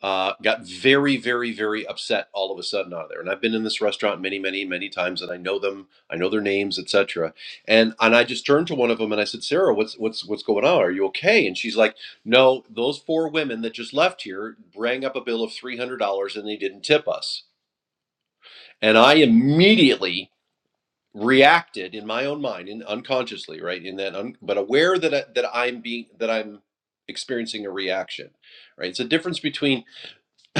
uh, got very, very, very upset all of a sudden out of there. And I've been in this restaurant many, many, many times, and I know them, I know their names, etc. And and I just turned to one of them and I said, Sarah, what's what's what's going on? Are you okay? And she's like, No, those four women that just left here rang up a bill of three hundred dollars and they didn't tip us. And I immediately reacted in my own mind, and unconsciously, right, in that, un- but aware that I, that I'm being that I'm experiencing a reaction, right? It's a difference between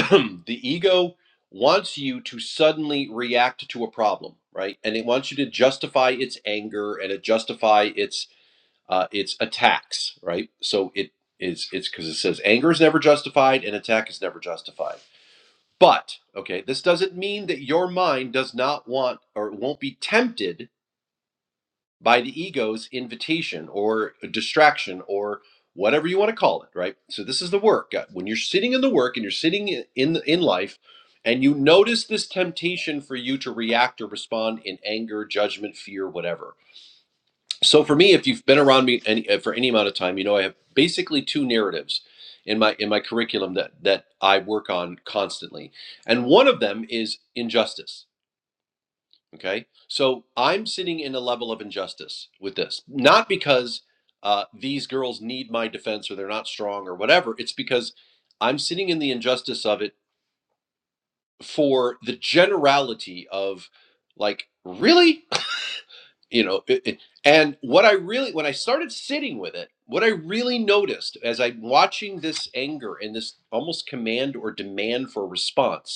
the ego wants you to suddenly react to a problem, right? And it wants you to justify its anger and it justify its uh, its attacks, right? So it is it's because it says anger is never justified and attack is never justified. But okay, this doesn't mean that your mind does not want or won't be tempted by the ego's invitation or distraction or whatever you want to call it, right? So this is the work. Uh, When you're sitting in the work and you're sitting in in in life and you notice this temptation for you to react or respond in anger, judgment, fear, whatever. So for me, if you've been around me any, uh, for any amount of time, you know I have basically two narratives in my in my curriculum that that I work on constantly. And one of them is injustice Okay. So I'm sitting in a level of injustice with this, not because uh, these girls need my defense or they're not strong or whatever. It's because I'm sitting in the injustice of it for the generality of like, really? You know, it, it- and what I really, when I started sitting with it, what I really noticed as I'm watching this anger and this almost command or demand for response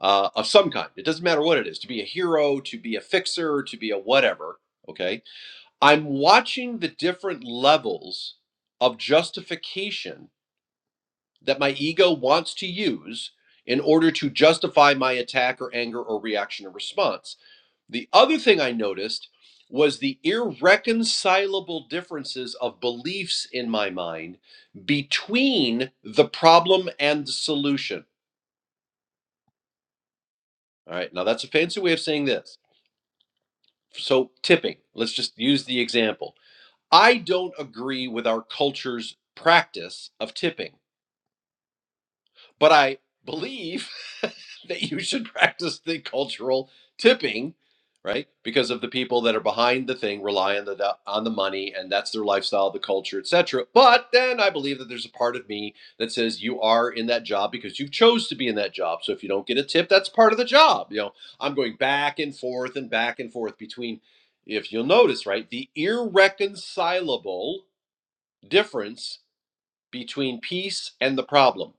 uh, of some kind. It doesn't matter what it is to be a hero, to be a fixer, to be a whatever. Okay. I'm watching the different levels of justification that my ego wants to use in order to justify my attack or anger or reaction or response. The other thing I noticed was the irreconcilable differences of beliefs in my mind between the problem and the solution. All right. Now, that's a fancy way of saying this So, tipping, let's just use the example. I don't agree with our culture's practice of tipping but I believe that you should practice the cultural tipping, right? Because of the people that are behind the thing rely on the on the money and that's their lifestyle, the culture, etc. But then I believe that there's a part of me that says you are in that job because you chose to be in that job. So if you don't get a tip, that's part of the job. You know, I'm going back and forth and back and forth between if you'll notice, right, the irreconcilable difference between peace and the problem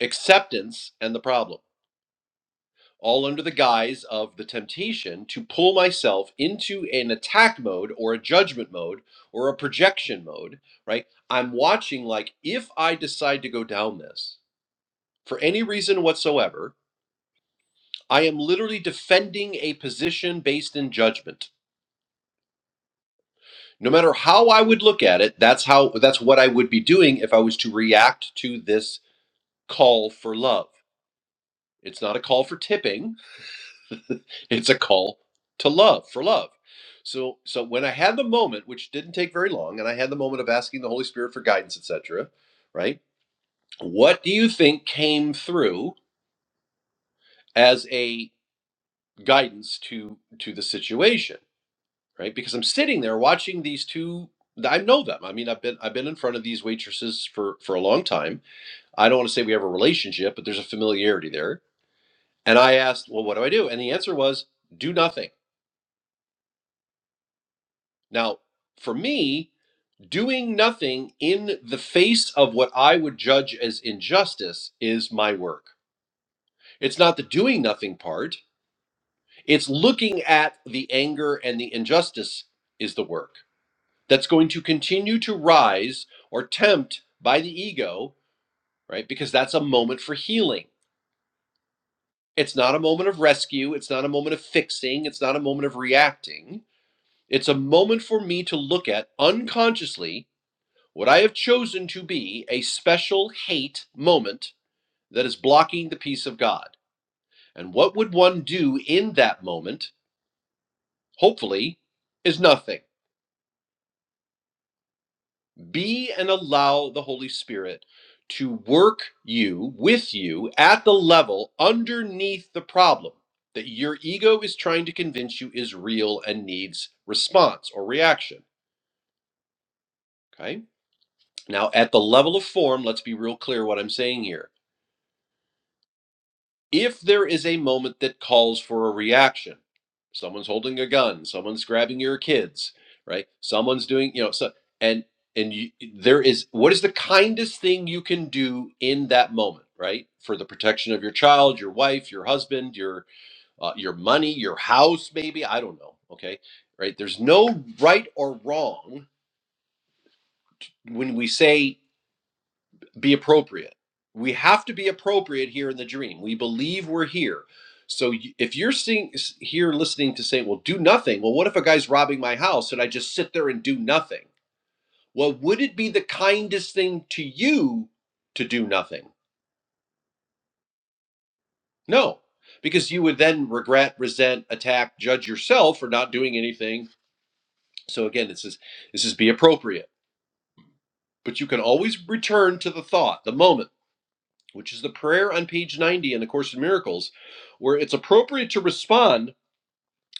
acceptance and the problem, all under the guise of the temptation to pull myself into an attack mode or a judgment mode or a projection mode, right? I'm watching like if I decide to go down this for any reason whatsoever, I am literally defending a position based in judgment. No matter how I would look at it, that's how that's what I would be doing if I was to react to this call for love. It's not a call for tipping it's a call to love for love so so when i had the moment which didn't take very long and i had the moment of asking the holy spirit for guidance etc right what do you think came through as a guidance to to the situation right because i'm sitting there watching these two i know them i mean i've been i've been in front of these waitresses for for a long time i don't want to say we have a relationship but there's a familiarity there and i asked well what do i do and the answer was do nothing now for me Doing nothing in the face of what I would judge as injustice is my work. It's not the doing nothing part, it's looking at the anger and the injustice is the work that's going to continue to rise or tempt by the ego, right? Because that's a moment for healing. It's not a moment of rescue, it's not a moment of fixing, it's not a moment of reacting. It's a moment for me to look at unconsciously What I have chosen to be a special hate moment that is blocking the peace of God. And what would one do in that moment, hopefully, is nothing. Be and allow the Holy Spirit to work you with you at the level underneath the problem that your ego is trying to convince you is real and needs response or reaction. Okay. Now, at the level of form, let's be real clear what I'm saying here. if there is a moment that calls for a reaction someone's holding a gun someone's grabbing your kids right someone's doing you know so and and you, there is what is the kindest thing you can do in that moment right for the protection of your child your wife your husband your uh, your money your house maybe i don't know okay right there's no right or wrong when we say be appropriate. We have to be appropriate here in the dream. We believe we're here. So if you're seeing here listening to say, "Well, do nothing." Well, what if a guy's robbing my house and I just sit there and do nothing? Well, would it be the kindest thing to you to do nothing? No, because you would then regret, resent, attack, judge yourself for not doing anything. So again, this is this is be appropriate. But you can always return to the thought, the moment. which is the prayer on page 90 in the course in miracles where it's appropriate to respond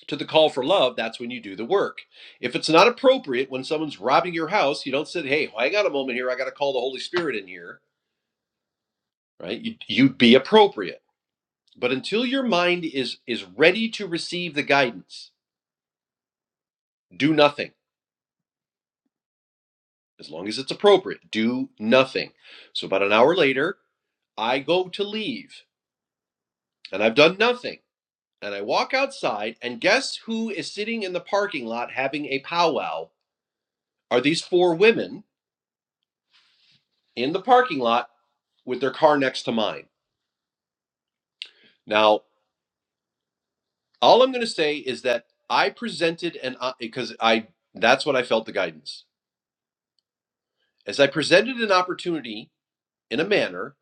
to the call for love that's when you do the work if it's not appropriate when someone's robbing your house you don't say hey well, hang on a moment here i got to call the holy spirit in here right you, you'd be appropriate but until your mind is is ready to receive the guidance do nothing as long as it's appropriate do nothing so about an hour later i go to leave and i've done nothing And I walk outside, and guess who is sitting in the parking lot having a powwow? Are these four women in the parking lot with their car next to mine? Now, all I'm going to say is that I presented an op- because I that's what I felt the guidance as I presented an opportunity in a manner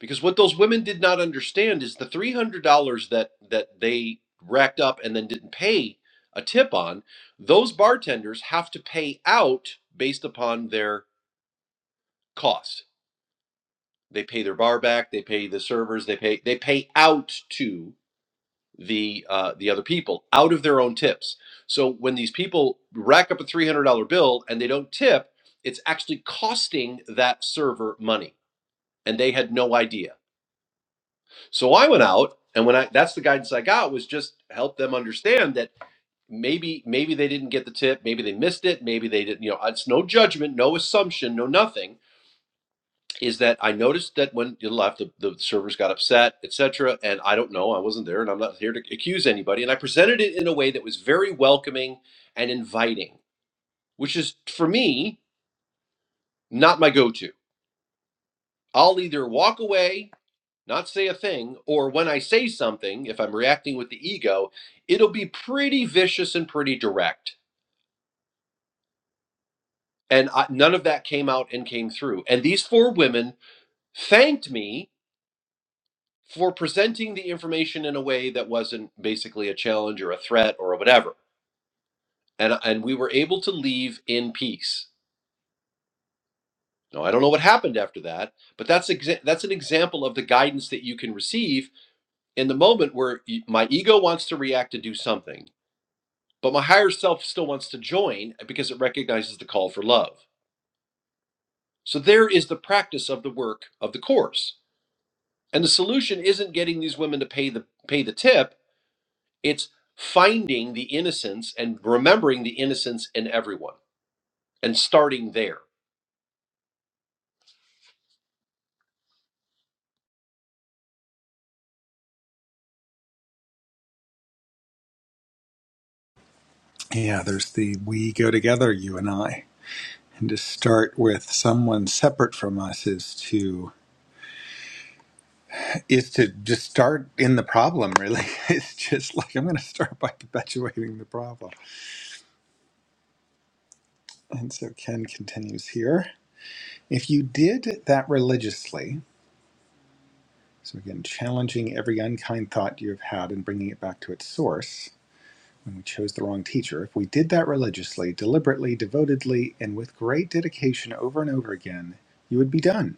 because what those women did not understand is the three hundred dollars that that they racked up and then didn't pay a tip on those bartenders have to pay out based upon their cost They pay their bar back. They pay the servers. They pay they pay out to the uh, the other people out of their own tips. So when these people rack up a three hundred dollar bill and they don't tip, it's actually costing that server money, and they had no idea. So I went out, and when I that's the guidance I got was just help them understand that maybe maybe they didn't get the tip, maybe they missed it, maybe they didn't. You know, it's no judgment, no assumption, no nothing is that I noticed that when you left, the, the servers got upset, etc. And I don't know, I wasn't there, and I'm not here to accuse anybody. And I presented it in a way that was very welcoming and inviting, which is for me not my go-to. I'll either walk away, not say a thing, or when I say something, if I'm reacting with the ego, it'll be pretty vicious and pretty direct. And I, none of that came out and came through. And these four women thanked me for presenting the information in a way that wasn't basically a challenge or a threat or whatever. And and we were able to leave in peace. Now I don't know what happened after that, but that's exa- that's an example of the guidance that you can receive in the moment where y- my ego wants to react to do something, but my higher self still wants to join because it recognizes the call for love. So there is the practice of the work of the course. And the solution isn't getting these women to pay the pay the tip It's finding the innocence and remembering the innocence in everyone and starting there.
Yeah, there's the we go together, you and I. And to start with someone separate from us is to is to just start in the problem, really. It's just like I'm gonna start by perpetuating the problem. And so Ken continues here. If you did that religiously, so again, challenging every unkind thought you've had and bringing it back to its source, when we chose the wrong teacher, if we did that religiously, deliberately, devotedly, and with great dedication over and over again, you would be done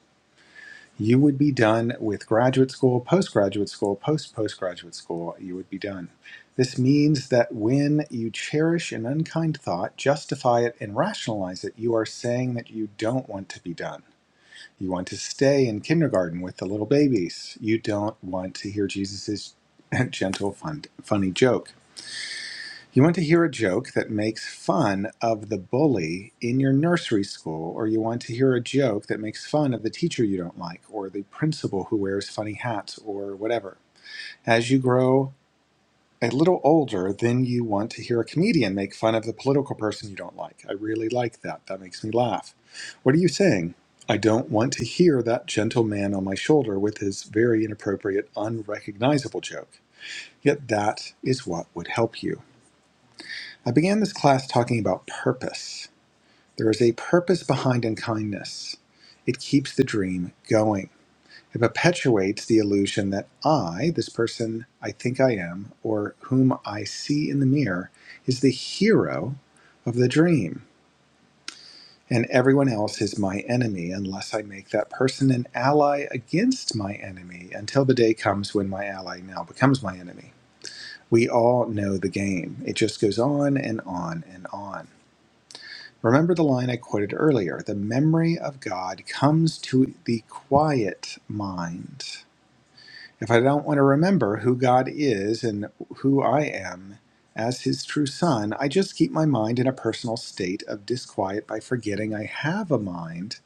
You would be done with graduate school, postgraduate school, post postgraduate school. You would be done. This means that when you cherish an unkind thought, justify it, and rationalize it, you are saying that you don't want to be done. You want to stay in kindergarten with the little babies. You don't want to hear Jesus's gentle, fun, funny joke. You want to hear a joke that makes fun of the bully in your nursery school, or you want to hear a joke that makes fun of the teacher you don't like, or the principal who wears funny hats, or whatever. As you grow a little older, then you want to hear a comedian make fun of the political person you don't like. I really like that. That makes me laugh. What are you saying? I don't want to hear that gentle man on my shoulder with his very inappropriate, unrecognizable joke. Yet that is what would help you. I began this class talking about purpose. There is a purpose behind unkindness. It keeps the dream going. It perpetuates the illusion that I, this person I think I am, or whom I see in the mirror, is the hero of the dream, and everyone else is my enemy unless I make that person an ally against my enemy until the day comes when my ally now becomes my enemy. We all know the game. It just goes on and on and on. Remember the line I quoted earlier the memory of God comes to the quiet mind. If I don't want to remember who God is and who I am as his true son, I just keep my mind in a personal state of disquiet by forgetting I have a mind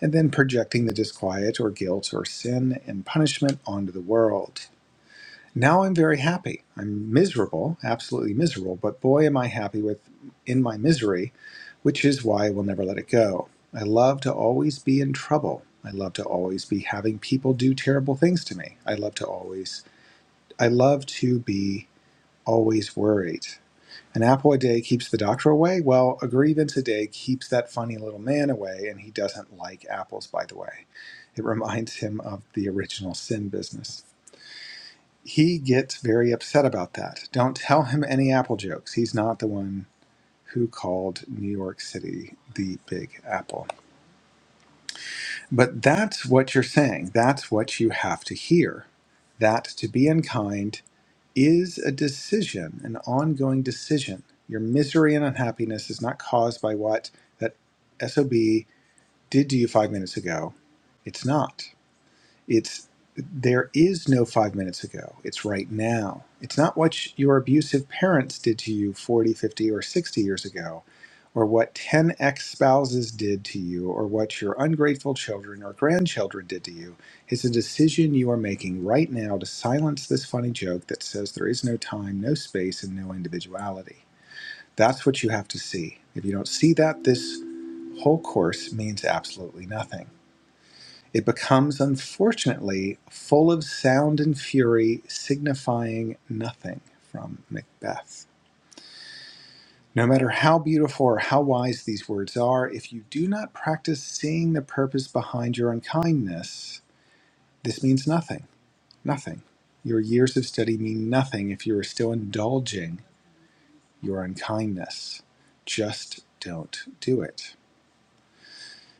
and then projecting the disquiet or guilt or sin and punishment onto the world. Now I'm very happy. I'm miserable, absolutely miserable, but boy am I happy with in my misery, which is why I will never let it go. I love to always be in trouble. I love to always be having people do terrible things to me. I love to always I love to be always worried. An apple a day keeps the doctor away. Well, a grievance a day keeps that funny little man away, and he doesn't like apples, by the way. It reminds him of the original sin business he gets very upset about that. Don't tell him any Apple jokes. He's not the one who called New York City the Big Apple. But that's what you're saying. That's what you have to hear. That to be unkind is a decision, an ongoing decision. Your misery and unhappiness is not caused by what that SOB did to you five minutes ago. It's not. It's there is no five minutes ago. It's right now. It's not what your abusive parents did to you 40, 50, or 60 years ago, or what 10 ex spouses did to you, or what your ungrateful children or grandchildren did to you. It's a decision you are making right now to silence this funny joke that says there is no time, no space, and no individuality. That's what you have to see. If you don't see that, this whole course means absolutely nothing. It becomes unfortunately full of sound and fury, signifying nothing from Macbeth. No matter how beautiful or how wise these words are, if you do not practice seeing the purpose behind your unkindness, this means nothing. Nothing. Your years of study mean nothing if you are still indulging your unkindness. Just don't do it.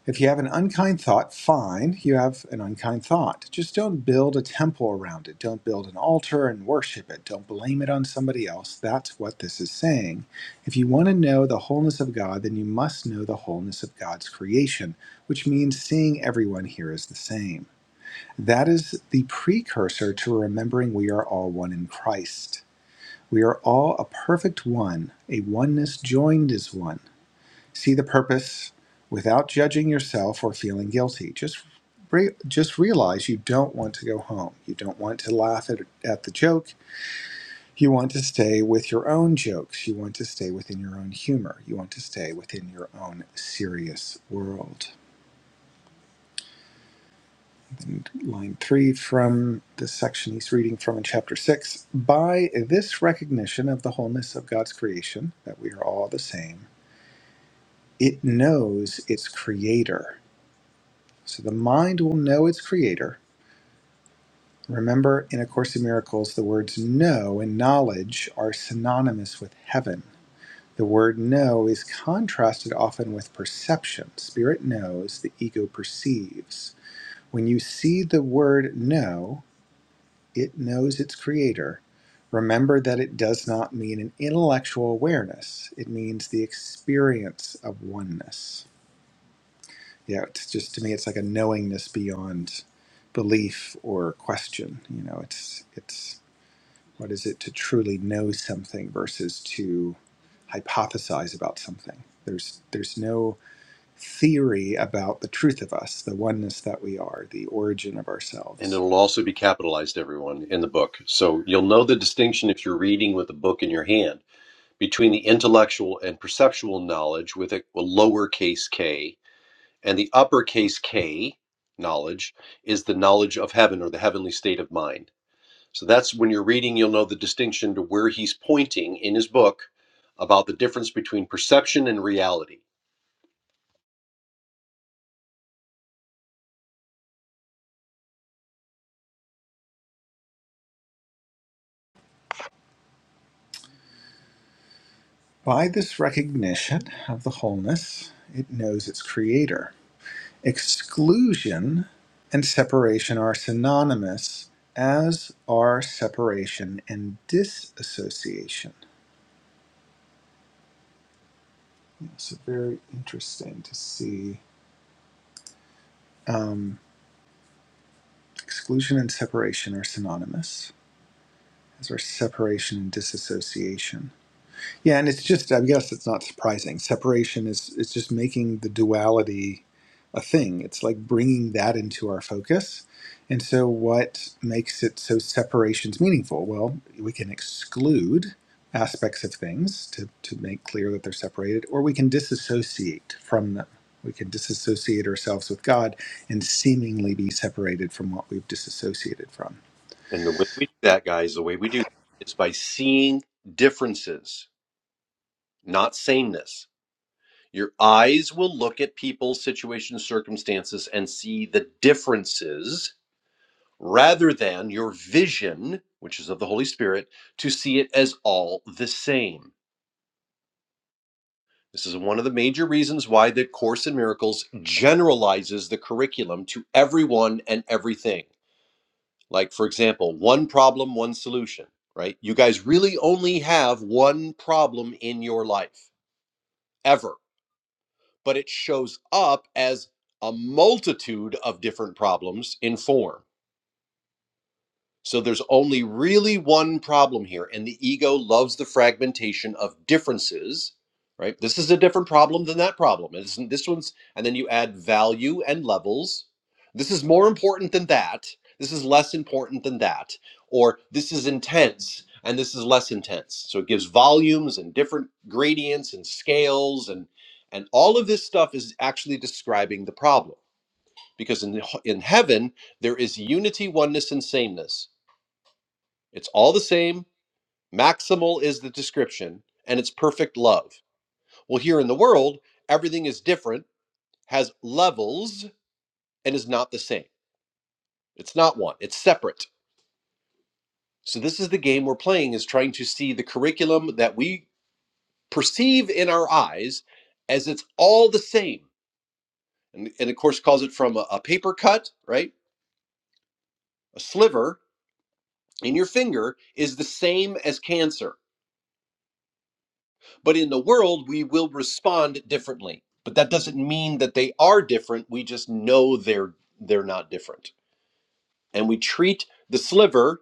If you have an unkind thought, fine, you have an unkind thought. Just don't build a temple around it. Don't build an altar and worship it. Don't blame it on somebody else. That's what this is saying. If you want to know the wholeness of God, then you must know the wholeness of God's creation, which means seeing everyone here as the same. That is the precursor to remembering we are all one in Christ. We are all a perfect one, a oneness joined as one. See the purpose without judging yourself or feeling guilty. Just re- just realize you don't want to go home. You don't want to laugh at, at the joke. You want to stay with your own jokes. You want to stay within your own humor. You want to stay within your own serious world. And line three from the section he's reading from in chapter six. By this recognition of the wholeness of God's creation, that we are all the same, it knows its creator So the mind will know its creator. Remember, in A Course in Miracles, the words know and knowledge are synonymous with heaven. The word know is contrasted often with perception. Spirit knows, the ego perceives. When you see the word know, it knows its creator. Remember that it does not mean an intellectual awareness, it means the experience of oneness. yeah, it's just to me, it's like a knowingness beyond belief or question. You know, it's it's what is it to truly know something versus to hypothesize about something. There's there's no theory about the truth of us, the oneness that we are, the origin of
And
ourselves.
it'll also be capitalized, everyone, in the book. So you'll know the distinction if you're reading with the book in your hand between the intellectual and perceptual knowledge with a lowercase k, and the uppercase K knowledge is the knowledge of heaven or the heavenly state of mind. So that's when you're reading, you'll know the distinction to where he's pointing in his book about the difference between perception and reality.
By this recognition of the wholeness, it knows its creator Exclusion and separation are synonymous, as are separation and disassociation. So, very interesting to see. Um, exclusion and separation are synonymous, as are separation and disassociation. Yeah, and it's just I guess it's not surprising. Separation is it's just making the duality a thing. It's like bringing that into our focus. And so what makes it so separation's meaningful? Well, we can exclude aspects of things to, to make clear that they're separated, or we can disassociate from them. We can disassociate ourselves with God and seemingly be separated from what we've disassociated from.
And the way we do that, guys, the way we do that is by seeing differences, not sameness. Your eyes will look at people, situations, circumstances, and see the differences rather than your vision, which is of the Holy Spirit, to see it as all the same. This is one of the major reasons why the Course in Miracles generalizes the curriculum to everyone and everything. Like, for example, one problem, one solution, right? You guys really only have one problem in your life ever, but it shows up as a multitude of different problems in form. So there's only really one problem here, and the ego loves the fragmentation of differences, right? This is a different problem than that problem. It this one's, and then you add value and levels. This is more important than that. This is less important than that. Or this is intense and this is less intense. So it gives volumes and different gradients and scales and and all of this stuff is actually describing the problem. Because in in heaven there is unity, oneness, and sameness it's all the same. Maximal is the description, and it's perfect love. Well, here in the world, everything is different, has levels, and is not the same. It's not one, it's separate. So, this is the game we're playing is trying to see the curriculum that we perceive in our eyes as it's all the same. And, and of course, calls it from a, a paper cut, right? A sliver in your finger is the same as cancer But in the world, we will respond differently. But that doesn't mean that they are different. We just know they're they're not different. And we treat the sliver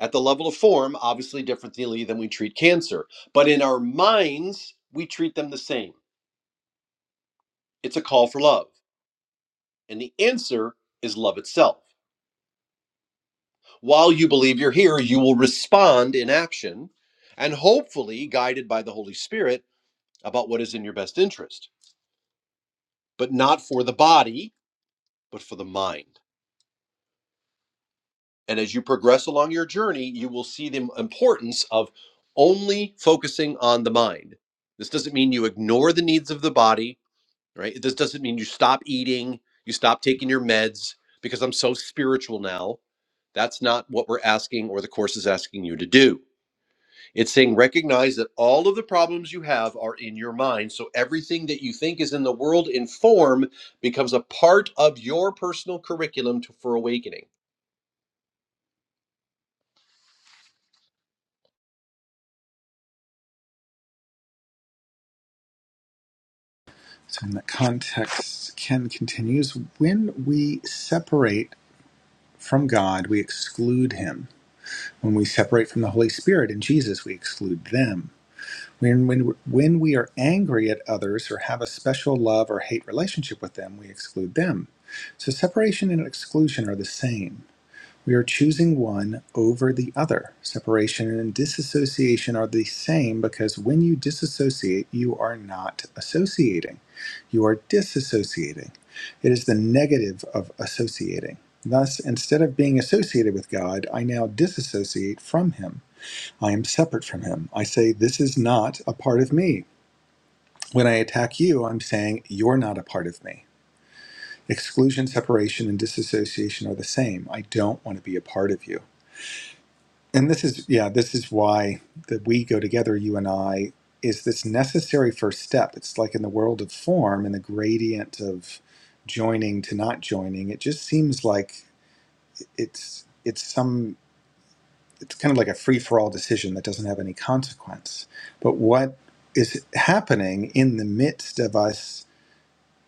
at the level of form obviously differently than we treat cancer. But in our minds, we treat them the same. It's a call for love. And the answer is love itself. While you believe you're here, you will respond in action and hopefully guided by the Holy Spirit about what is in your best interest, but not for the body, but for the mind. And as you progress along your journey, you will see the importance of only focusing on the mind. This doesn't mean you ignore the needs of the body, right? This doesn't mean you stop eating, you stop taking your meds because I'm so spiritual now. That's not what we're asking or the course is asking you to do. It's saying recognize that all of the problems you have are in your mind. So everything that you think is in the world in form becomes a part of your personal curriculum to, for awakening
So in that context, Ken continues, when we separate From God, we exclude him. When we separate from the Holy Spirit and Jesus, we exclude them. When, when, when we are angry at others or have a special love or hate relationship with them, we exclude them. So separation and exclusion are the same. We are choosing one over the other. Separation and disassociation are the same because when you disassociate, you are not associating. You are disassociating. It is the negative of associating. Thus, instead of being associated with God, I now disassociate from Him. I am separate from Him. I say, This is not a part of me. When I attack you, I'm saying, You're not a part of me. Exclusion, separation, and disassociation are the same. I don't want to be a part of you. and this is yeah this is why that we go together you and i is this necessary first step it's like in the world of form in the gradient of joining to not joining it just seems like it's it's some it's kind of like a free for all decision that doesn't have any consequence but what is happening in the midst of us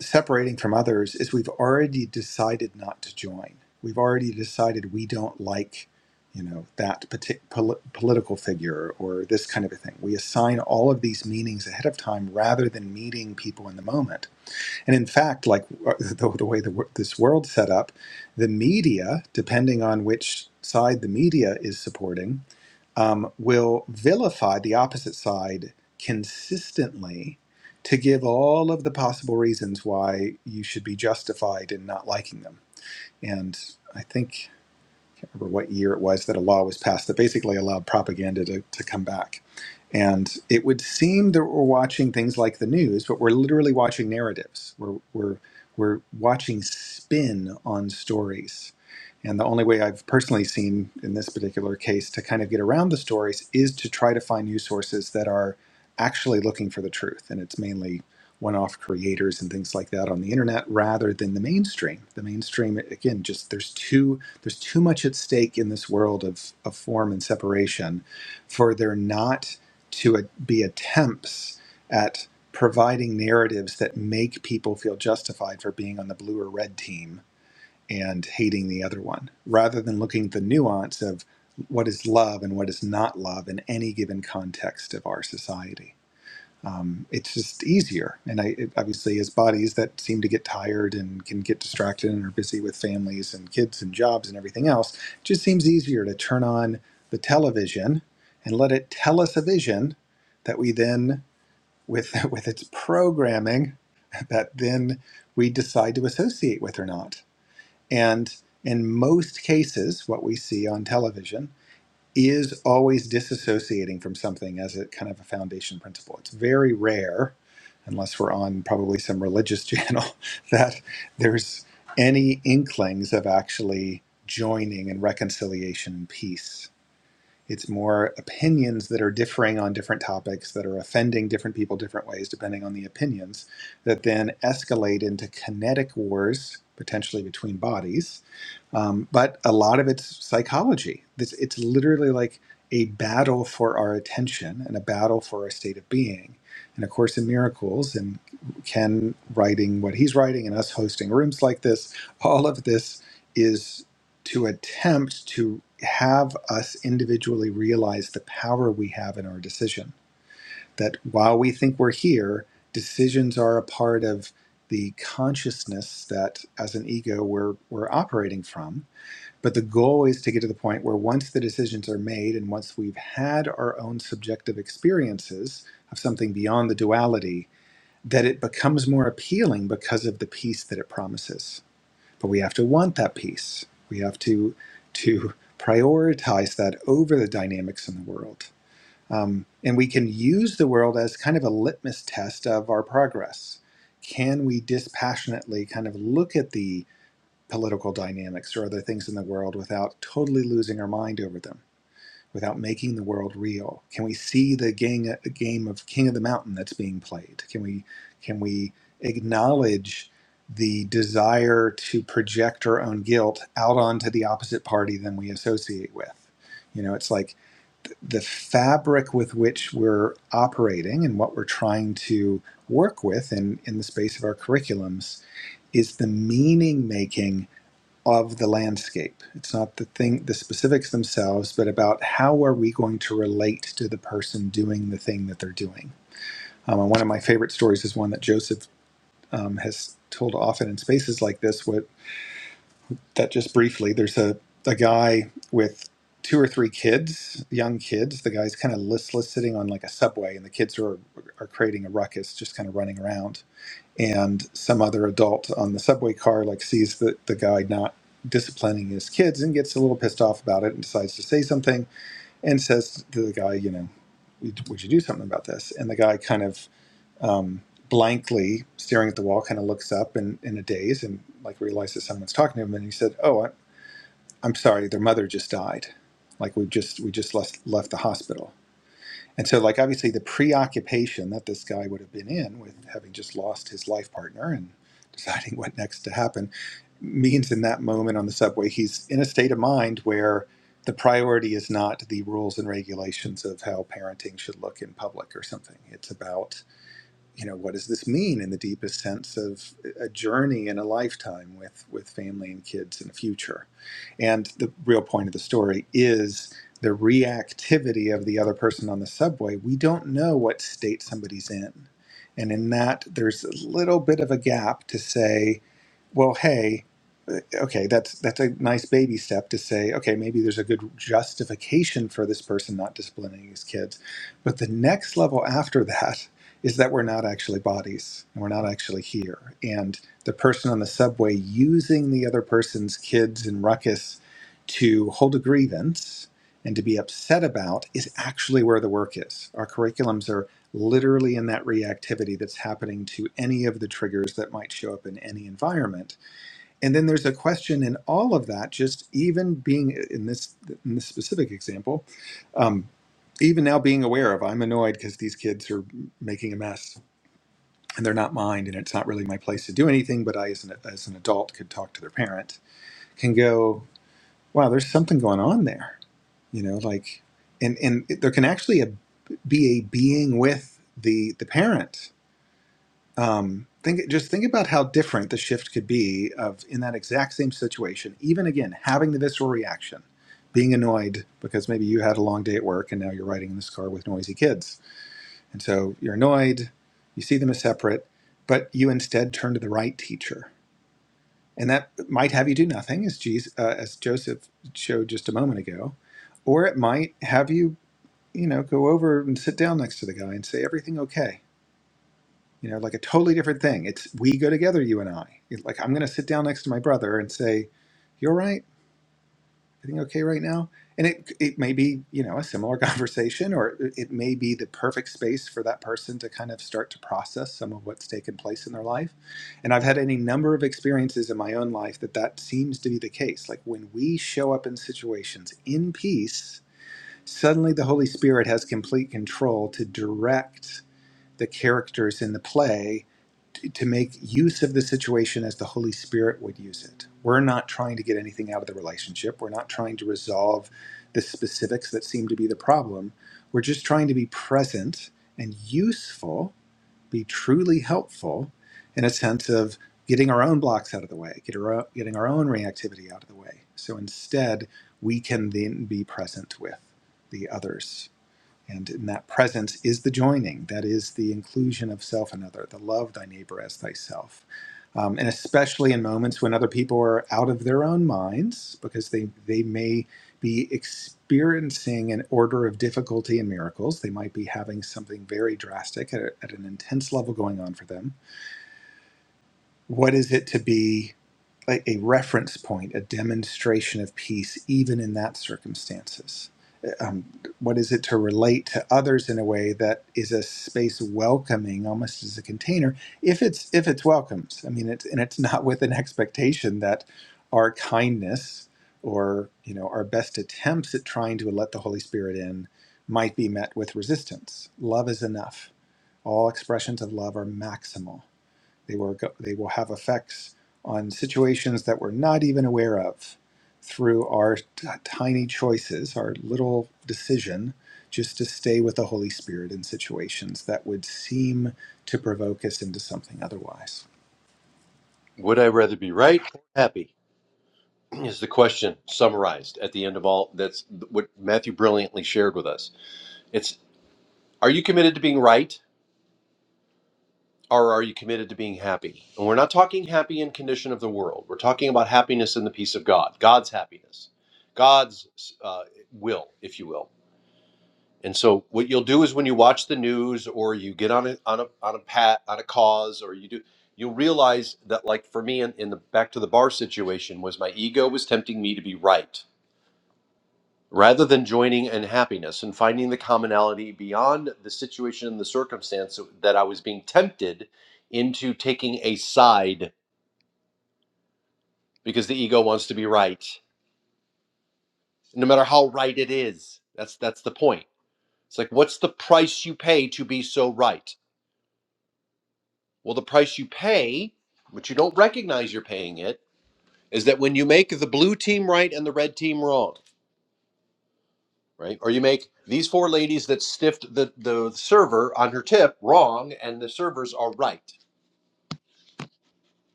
separating from others is we've already decided not to join. We've already decided we don't like, you know, that partic- pol- political figure or this kind of a thing. We assign all of these meanings ahead of time rather than meeting people in the moment. And in fact, like uh, the, the way the, wor- this world's set up, the media, depending on which side the media is supporting, um, will vilify the opposite side consistently to give all of the possible reasons why you should be justified in not liking them. And I think remember what year it was that a law was passed that basically allowed propaganda to, to come back. And it would seem that we're watching things like the news, but we're literally watching narratives. We're, we're, we're watching spin on stories. And the only way I've personally seen in this particular case to kind of get around the stories is to try to find news sources that are actually looking for the truth. And it's mainly one off creators and things like that on the internet rather than the mainstream. The mainstream, again, just there's too there's too much at stake in this world of, of form and separation for there not to a- be attempts at providing narratives that make people feel justified for being on the blue or red team and hating the other one, rather than looking at the nuance of what is love and what is not love in any given context of our society um, it's just easier. And I it, obviously, as bodies that seem to get tired and can get distracted and are busy with families and kids and jobs and everything else, it just seems easier to turn on the television and let it tell us a vision that we then, with with its programming, that then we decide to associate with or not. And in most cases, what we see on television is always disassociating from something as a kind of a foundation principle. It's very rare, unless we're on probably some religious channel, that there's any inklings of actually joining and reconciliation and peace. It's more opinions that are differing on different topics that are offending different people different ways, depending on the opinions, that then escalate into kinetic wars, potentially between bodies, um, but a lot of it's psychology. It's, it's literally like a battle for our attention and a battle for our state of being. And of course, in miracles and Ken writing what he's writing and us hosting rooms like this, all of this is to attempt to have us individually realize the power we have in our decision. That while we think we're here, decisions are a part of the consciousness that as an ego we're, we're operating from but the goal is to get to the point where once the decisions are made and once we've had our own subjective experiences of something beyond the duality, that it becomes more appealing because of the peace that it promises. But we have to want that peace. We have to to prioritize that over the dynamics in the world. Um, and we can use the world as kind of a litmus test of our progress. Can we dispassionately kind of look at these? political dynamics or other things in the world without totally losing our mind over them, without making the world real? Can we see the gang, game of King of the Mountain that's being played? Can we can we acknowledge the desire to project our own guilt out onto the opposite party than we associate with? You know, it's like th- the fabric with which we're operating and what we're trying to work with in, in the space of our curriculums is the meaning making of the landscape. It's not the thing, the specifics themselves, but about how are we going to relate to the person doing the thing that they're doing. Um, and one of my favorite stories is one that Joseph um, has told often in spaces like this. What that just briefly, there's a a guy with two or three kids, young kids. The guy's kind of listless, sitting on like a subway, and the kids are are creating a ruckus, just kind of running around and some other adult on the subway car like sees the, the guy not disciplining his kids and gets a little pissed off about it and decides to say something and says to the guy you know would would you do something about this and the guy kind of um, blankly staring at the wall kind of looks up in, in a daze and like realizes someone's talking to him and he said oh I, i'm sorry their mother just died like we just we just left, left the hospital and so, like, obviously, the preoccupation that this guy would have been in with having just lost his life partner and deciding what next to happen means in that moment on the subway, he's in a state of mind where the priority is not the rules and regulations of how parenting should look in public or something. It's about you know, what does this mean in the deepest sense of a journey and a lifetime with, with family and kids and the future? And the real point of the story is the reactivity of the other person on the subway. We don't know what state somebody's in. And in that, there's a little bit of a gap to say, well, hey, okay, that's that's a nice baby step to say, okay, maybe there's a good justification for this person not disciplining his kids. But the next level after that is that we're not actually bodies and we're not actually here. And the person on the subway using the other person's kids and ruckus to hold a grievance and to be upset about is actually where the work is. Our curriculums are literally in that reactivity that's happening to any of the triggers that might show up in any environment. And then there's a question in all of that, just even being in this in this specific example, um, even now being aware of I'm annoyed because these kids are making a mess and they're not mine, and it's not really my place to do anything. But I, as an, as an adult, could talk to their parent, can go, wow, there's something going on there, you know, like, and and there can actually a be a being with the the parent um, think just think about how different the shift could be of in that exact same situation even again having the visceral reaction being annoyed because maybe you had a long day at work and now you're riding in this car with noisy kids and so you're annoyed you see them as separate but you instead turn to the right teacher and that might have you do nothing as Jesus, uh, as joseph showed just a moment ago or it might have you you know go over and sit down next to the guy and say everything okay you know like a totally different thing it's we go together you and i It's like i'm going to sit down next to my brother and say you're right everything okay right now and it it may be you know a similar conversation or it it may be the perfect space for that person to kind of start to process some of what's taken place in their life and i've had any number of experiences in my own life that that seems to be the case like when we show up in situations in peace suddenly the holy spirit has complete control to direct the characters in the play t- to make use of the situation as the Holy Spirit would use it. We're not trying to get anything out of the relationship. We're not trying to resolve the specifics that seem to be the problem. We're just trying to be present and useful, be truly helpful in a sense of getting our own blocks out of the way, get our, getting our own reactivity out of the way. So instead, we can then be present with the others and in that presence is the joining, that is the inclusion of self and other, the love thy neighbor as thyself. Um, and especially in moments when other people are out of their own minds, because they, they may be experiencing an order of difficulty and miracles. They might be having something very drastic at, a- at an intense level going on for them. What is it to be a, a reference point, a demonstration of peace, even in that circumstances. Uh, Um, what is it to relate to others in a way that is a space welcoming, almost as a container, if it's if it's welcomes. I mean, it's and it's not with an expectation that our kindness or you know our best attempts at trying to let the Holy Spirit in might be met with resistance. Love is enough. All expressions of love are maximal they will, go, they will have effects on situations that we're not even aware of through our t- tiny choices, our little decision just to stay with the Holy Spirit in situations that would seem to provoke us into something otherwise.
Would I rather be right or happy? Is the question summarized at the end of all that's what Matthew brilliantly shared with us. It's are you committed to being right or are you committed to being happy? And we're not talking happy in condition of the world. We're talking about happiness in the peace of God, God's happiness, God's uh, will, if you will. And so what you'll do is when you watch the news or you get on a on a on a pat on a cause or you do you'll realize that like for me in, in the back to the bar situation was my ego was tempting me to be right rather than joining in happiness and finding the commonality beyond the situation and the circumstance that I was being tempted into taking a side because the ego wants to be right no matter how right it is that's that's the point it's like what's the price you pay to be so right Well, the price you pay, but you don't recognize you're paying it, is that when you make the blue team right and the red team wrong, right? Or you make these four ladies that stiffed the, the server on her tip wrong and the servers are right.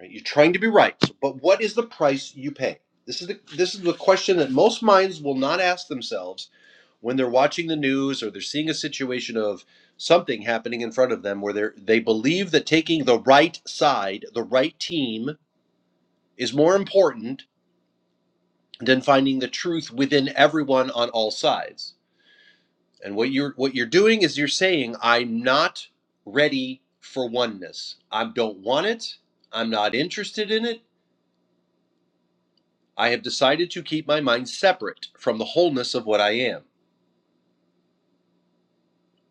Right? You're trying to be right. So, But what is the price you pay? This is the this is the question that most minds will not ask themselves when they're watching the news or they're seeing a situation of something happening in front of them where they they believe that taking the right side, the right team, is more important than finding the truth within everyone on all sides. And what you're what you're doing is you're saying, I'm not ready for oneness. I don't want it. I'm not interested in it. I have decided to keep my mind separate from the wholeness of what I am.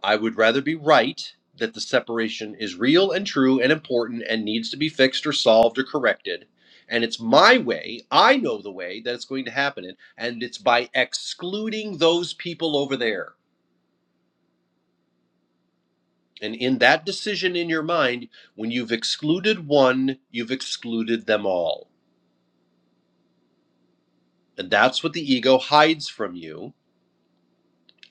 I would rather be right that the separation is real and true and important and needs to be fixed or solved or corrected. And it's my way, I know the way that it's going to happen. And it's by excluding those people over there And in that decision in your mind, when you've excluded one, you've excluded them all. And that's what the ego hides from you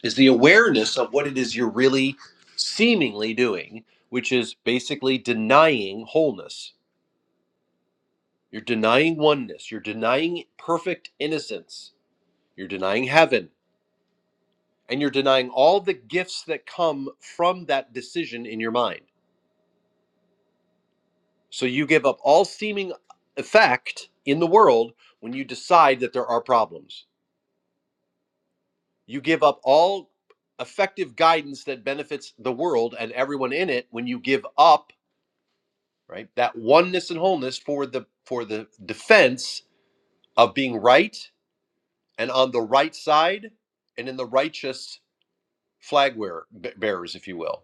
is the awareness of what it is you're really seemingly doing, which is basically denying wholeness. You're denying oneness, you're denying perfect innocence, you're denying heaven, and you're denying all the gifts that come from that decision in your mind. So you give up all seeming effect in the world when you decide that there are problems. You give up all effective guidance that benefits the world and everyone in it when you give up, right? That oneness and wholeness for the for the defense of being right and on the right side and in the righteous flag wearer, b- bearers if you will.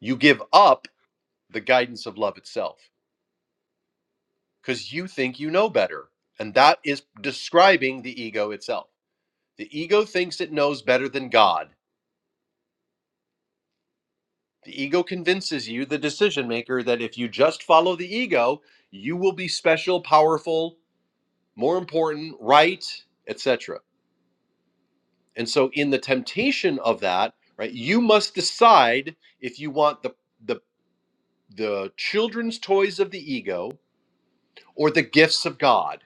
You give up the guidance of love itself cuz you think you know better. And that is describing the ego itself The ego thinks it knows better than God. The ego convinces you, the decision maker, that if you just follow the ego, you will be special, powerful, more important, right, etc. And so in the temptation of that, right, you must decide if you want the the the children's toys of the ego or the gifts of God.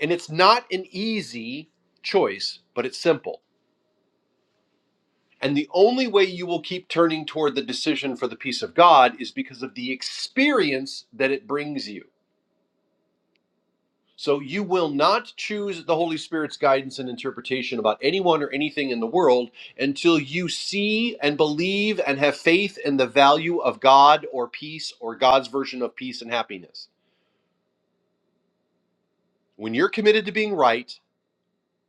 And it's not an easy choice, but it's simple. And the only way you will keep turning toward the decision for the peace of God is because of the experience that it brings you. So you will not choose the Holy Spirit's guidance and interpretation about anyone or anything in the world until you see and believe and have faith in the value of God or peace or God's version of peace and happiness. When you're committed to being right,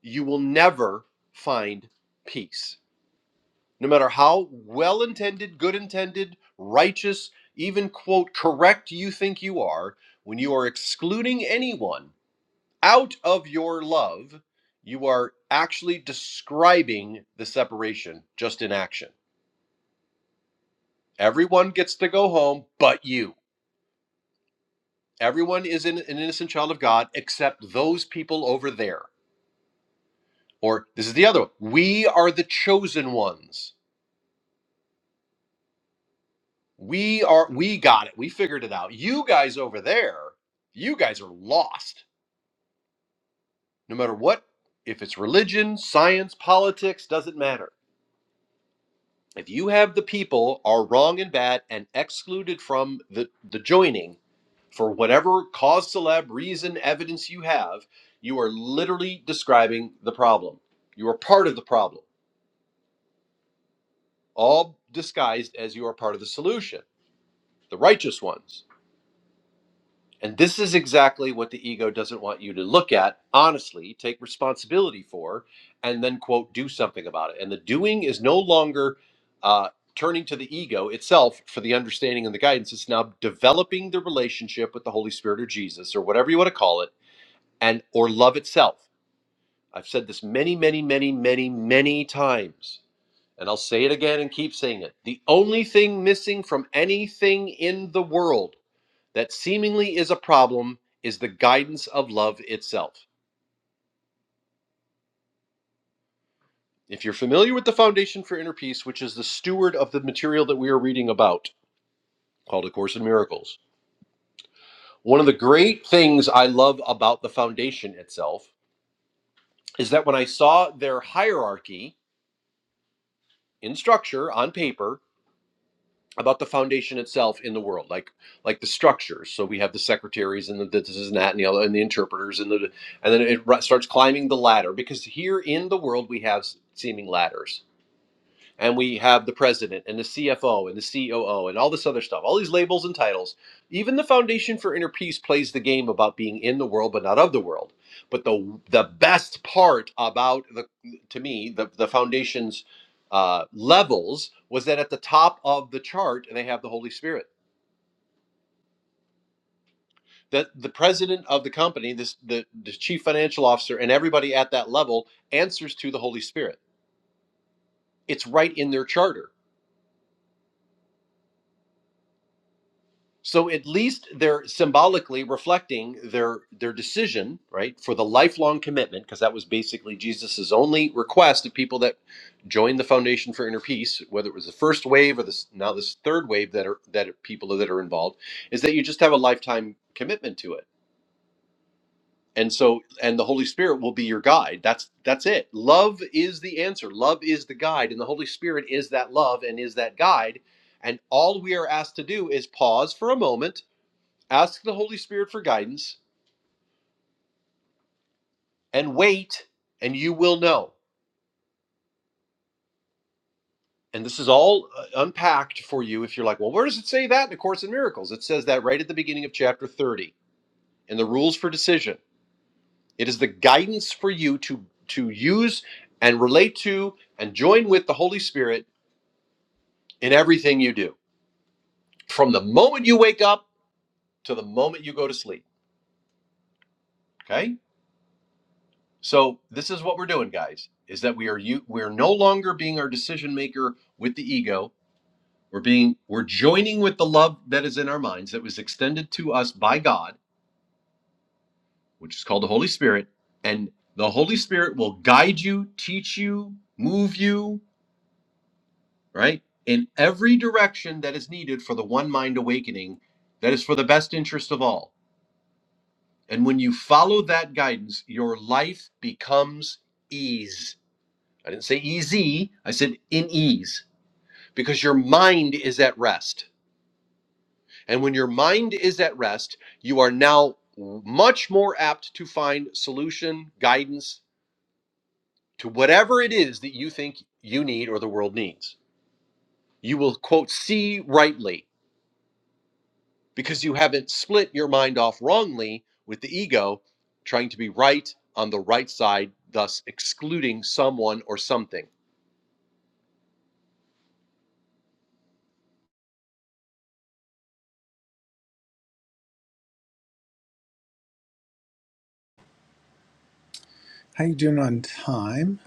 you will never find peace. no matter how well intended, good intended, righteous, even quote, correct you think you are, when you are excluding anyone out of your love, you are actually describing the separation just in action. Everyone gets to go home but you. Everyone is an innocent child of God except those people over there. Or this is the other one. We are the chosen ones We are we got it. We figured it out. You guys over there, you guys are lost. No matter what, if it's religion, science, politics, doesn't matter. If you have the people are wrong and bad and excluded from the, the joining for whatever cause celeb reason evidence you have, you are literally describing the problem. You are part of the problem, all disguised as you are part of the solution, the righteous ones. And this is exactly what the ego doesn't want you to look at honestly, take responsibility for, and then, quote, do something about it. And the doing is no longer uh, turning to the ego itself for the understanding and the guidance. It's now developing the relationship with the Holy Spirit or Jesus or whatever you want to call it, and or love itself. I've said this many, many, many, many, many times. And I'll say it again and keep saying it. The only thing missing from anything in the world that seemingly is a problem is the guidance of love itself. If you're familiar with the Foundation for Inner Peace, which is the steward of the material that we are reading about, called A Course in Miracles, one of the great things I love about the Foundation itself is that when I saw their hierarchy in structure on paper, about the foundation itself in the world, like like the structures. So we have the secretaries and the this and that and the other and the interpreters and the and then it starts climbing the ladder because here in the world we have seeming ladders and we have the president and the CFO and the COO and all this other stuff, all these labels and titles. Even the Foundation for Inner Peace plays the game about being in the world but not of the world. But the the best part about the to me the the foundation's uh, levels was that at the top of the chart they have the Holy Spirit. That the president of the company, this the, the chief financial officer, and everybody at that level answers to the Holy Spirit. It's right in their charter So at least they're symbolically reflecting their their decision, right, for the lifelong commitment, because that was basically Jesus's only request of people that joined the Foundation for Inner Peace, whether it was the first wave or this now this third wave that are that are people that are involved, is that you just have a lifetime commitment to it. And so and the Holy Spirit will be your guide. That's that's it. Love is the answer. Love is the guide. And the Holy Spirit is that love and is that guide. And all we are asked to do is pause for a moment ask the Holy Spirit for guidance and wait, and you will know. And this is all uh, unpacked for you if you're like, well, where does it say that in A Course in Miracles? It says that right at the beginning of chapter 30 in the rules for decision. It is the guidance for you to, to use and relate to and join with the Holy Spirit in everything you do from the moment you wake up to the moment you go to sleep. Okay? So this is what we're doing, guys, is that we are you we're no longer being our decision maker with the ego We're being we're joining with the love that is in our minds that was extended to us by God, which is called the Holy Spirit, and the Holy Spirit will guide you, teach you, move you, right? In every direction that is needed for the one mind awakening that is for the best interest of all. And when you follow that guidance, your life becomes ease. I didn't say easy, I said in ease because your mind is at rest And when your mind is at rest, you are now much more apt to find solution, guidance to whatever it is that you think you need or the world needs. You will, quote, see rightly because you haven't split your mind off wrongly with the ego trying to be right on the right side, thus excluding someone or something.
How you doing on time?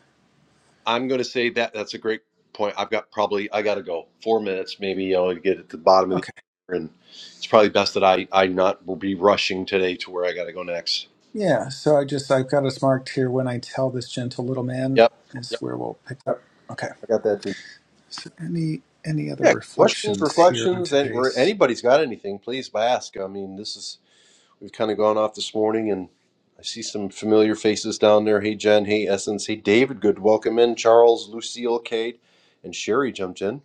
I'm going to say that that's a great point. I've got probably I got to go four minutes, maybe you know, to get at the bottom of the
Okay.
hour, and it's probably best that I I not be rushing today to where I got to go next.
Yeah, so I just I've got us marked here when I tell this gentle little man
Yep.
is
Yep.
where we'll pick up.
Yep.
Okay.
I got that too.
So any any other
Yeah. Questions,
reflections here on
reflections, and where
today's
anybody's got anything, please ask. I mean, this is we've kind of gone off this morning, and I see some familiar faces down there. Hey, Jen. Hey, Essence. Hey, David. Good. Welcome in, Charles, Lucille, Kate, and Sherry jumped in.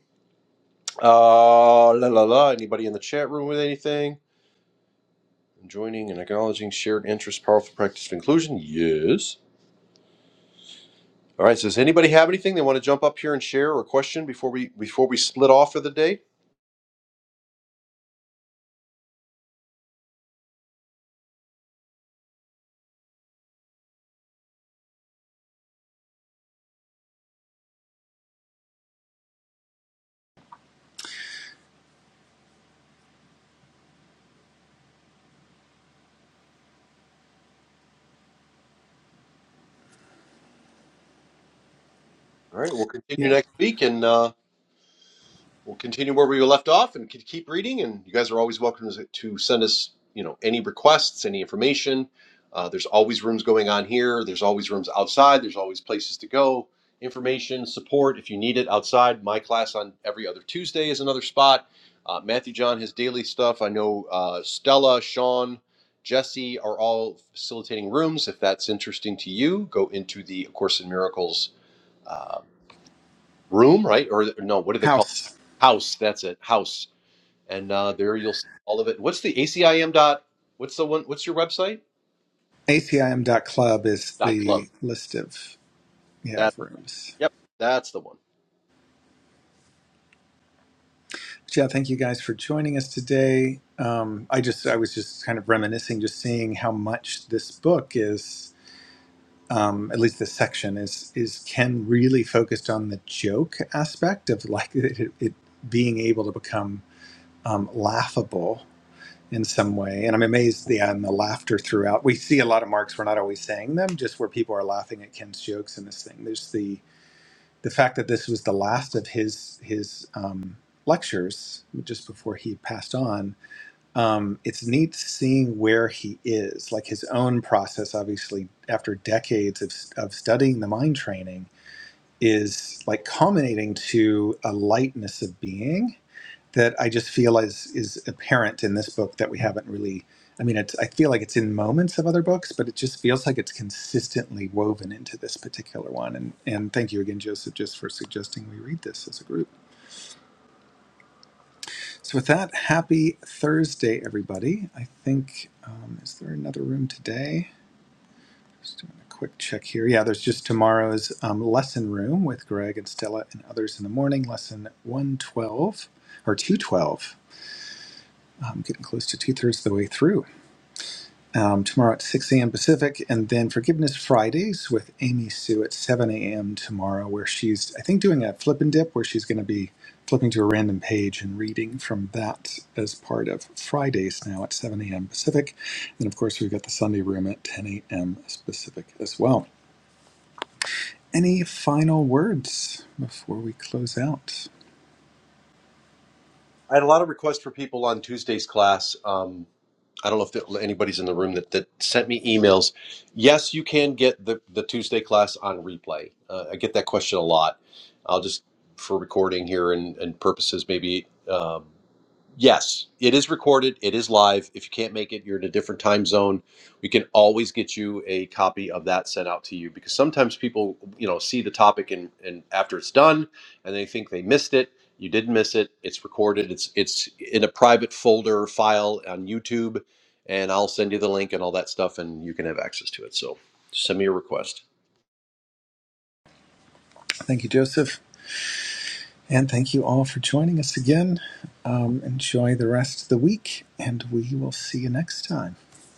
Uh, la la la. Anybody in the chat room with anything? Joining and acknowledging shared interests, powerful practice of inclusion. Yes. All right. So does anybody have anything they want to jump up here and share or question before we before we split off for the day? All right. We'll continue
yeah.
next week and uh, We'll continue where we left off and could keep reading. And you guys are always welcome to to send us, you know, any requests, any information. Uh, there's always rooms going on here. There's always rooms outside. There's always places to go. Information, support if you need it outside. My class on every other Tuesday is another spot. Uh, Matthew John has daily stuff. I know uh, Stella, Sean, Jesse are all facilitating rooms. If that's interesting to you, go into the A Course in Miracles um, room, right? Or no, what do they call it?
House.
House. That's it, house. And uh, there you'll see all of it. What's the ACIM dot? What's the one? What's your website?
ACIM Club is
Dot club.
the list of yeah
That.
of rooms.
Yep, that's the one.
But yeah, thank you guys for joining us today. Um, I just I was just kind of reminiscing, just seeing how much this book is, um, at least this section is is Ken really focused on the joke aspect of like it, it being able to become um, laughable in some way. And I'm amazed yeah, and the laughter throughout. We see a lot of marks. We're not always saying them, just where people are laughing at Ken's jokes and this thing. There's the the fact that this was the last of his his um, lectures just before he passed on um, it's neat seeing where he is like his own process obviously after decades of, of studying the mind training is like culminating to a lightness of being that I just feel is is apparent in this book that we haven't really. I mean, it's, I feel like it's in moments of other books, but it just feels like it's consistently woven into this particular one. And and thank you again, Joseph, just for suggesting we read this as a group. So with that, happy Thursday, everybody. I think um, is there another room today? Just doing a quick check here. Yeah, there's just tomorrow's um, lesson room with Greg and Stella and others in the morning. Lesson one twelve or two twelve. I'm getting close to two thirds of the way through. um, tomorrow at 6 a.m. Pacific, and then Forgiveness Fridays with Amy Sue at 7 a.m. tomorrow, where she's, I think, doing a flip and dip where she's going to be flipping to a random page and reading from that as part of Fridays now at 7 a.m. Pacific. And of course, we've got the Sunday room at 10 a.m. Pacific as well. Any final words before we close out?
I had a lot of requests for people on Tuesday's class. Um, I don't know if there, anybody's in the room that, that sent me emails. Yes, you can get the, the Tuesday class on replay. Uh, I get that question a lot. I'll just for recording here and, and purposes maybe. um, Yes, it is recorded. It is live. If you can't make it, you're in a different time zone. We can always get you a copy of that sent out to you because sometimes people, you know, see the topic and, and after it's done, and they think they missed it. You didn't miss it. It's recorded. It's it's in a private folder file on YouTube, and I'll send you the link and all that stuff, and you can have access to it. So send me a request.
Thank you, Joseph. And thank you all for joining us again. Um, enjoy the rest of the week, and we will see you next time.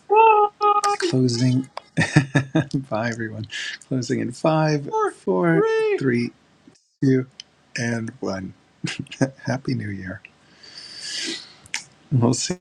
Five,
Closing. Bye, everyone. Closing in five,
four,
four,
three,
three, two, and one. Happy New Year. We'll see.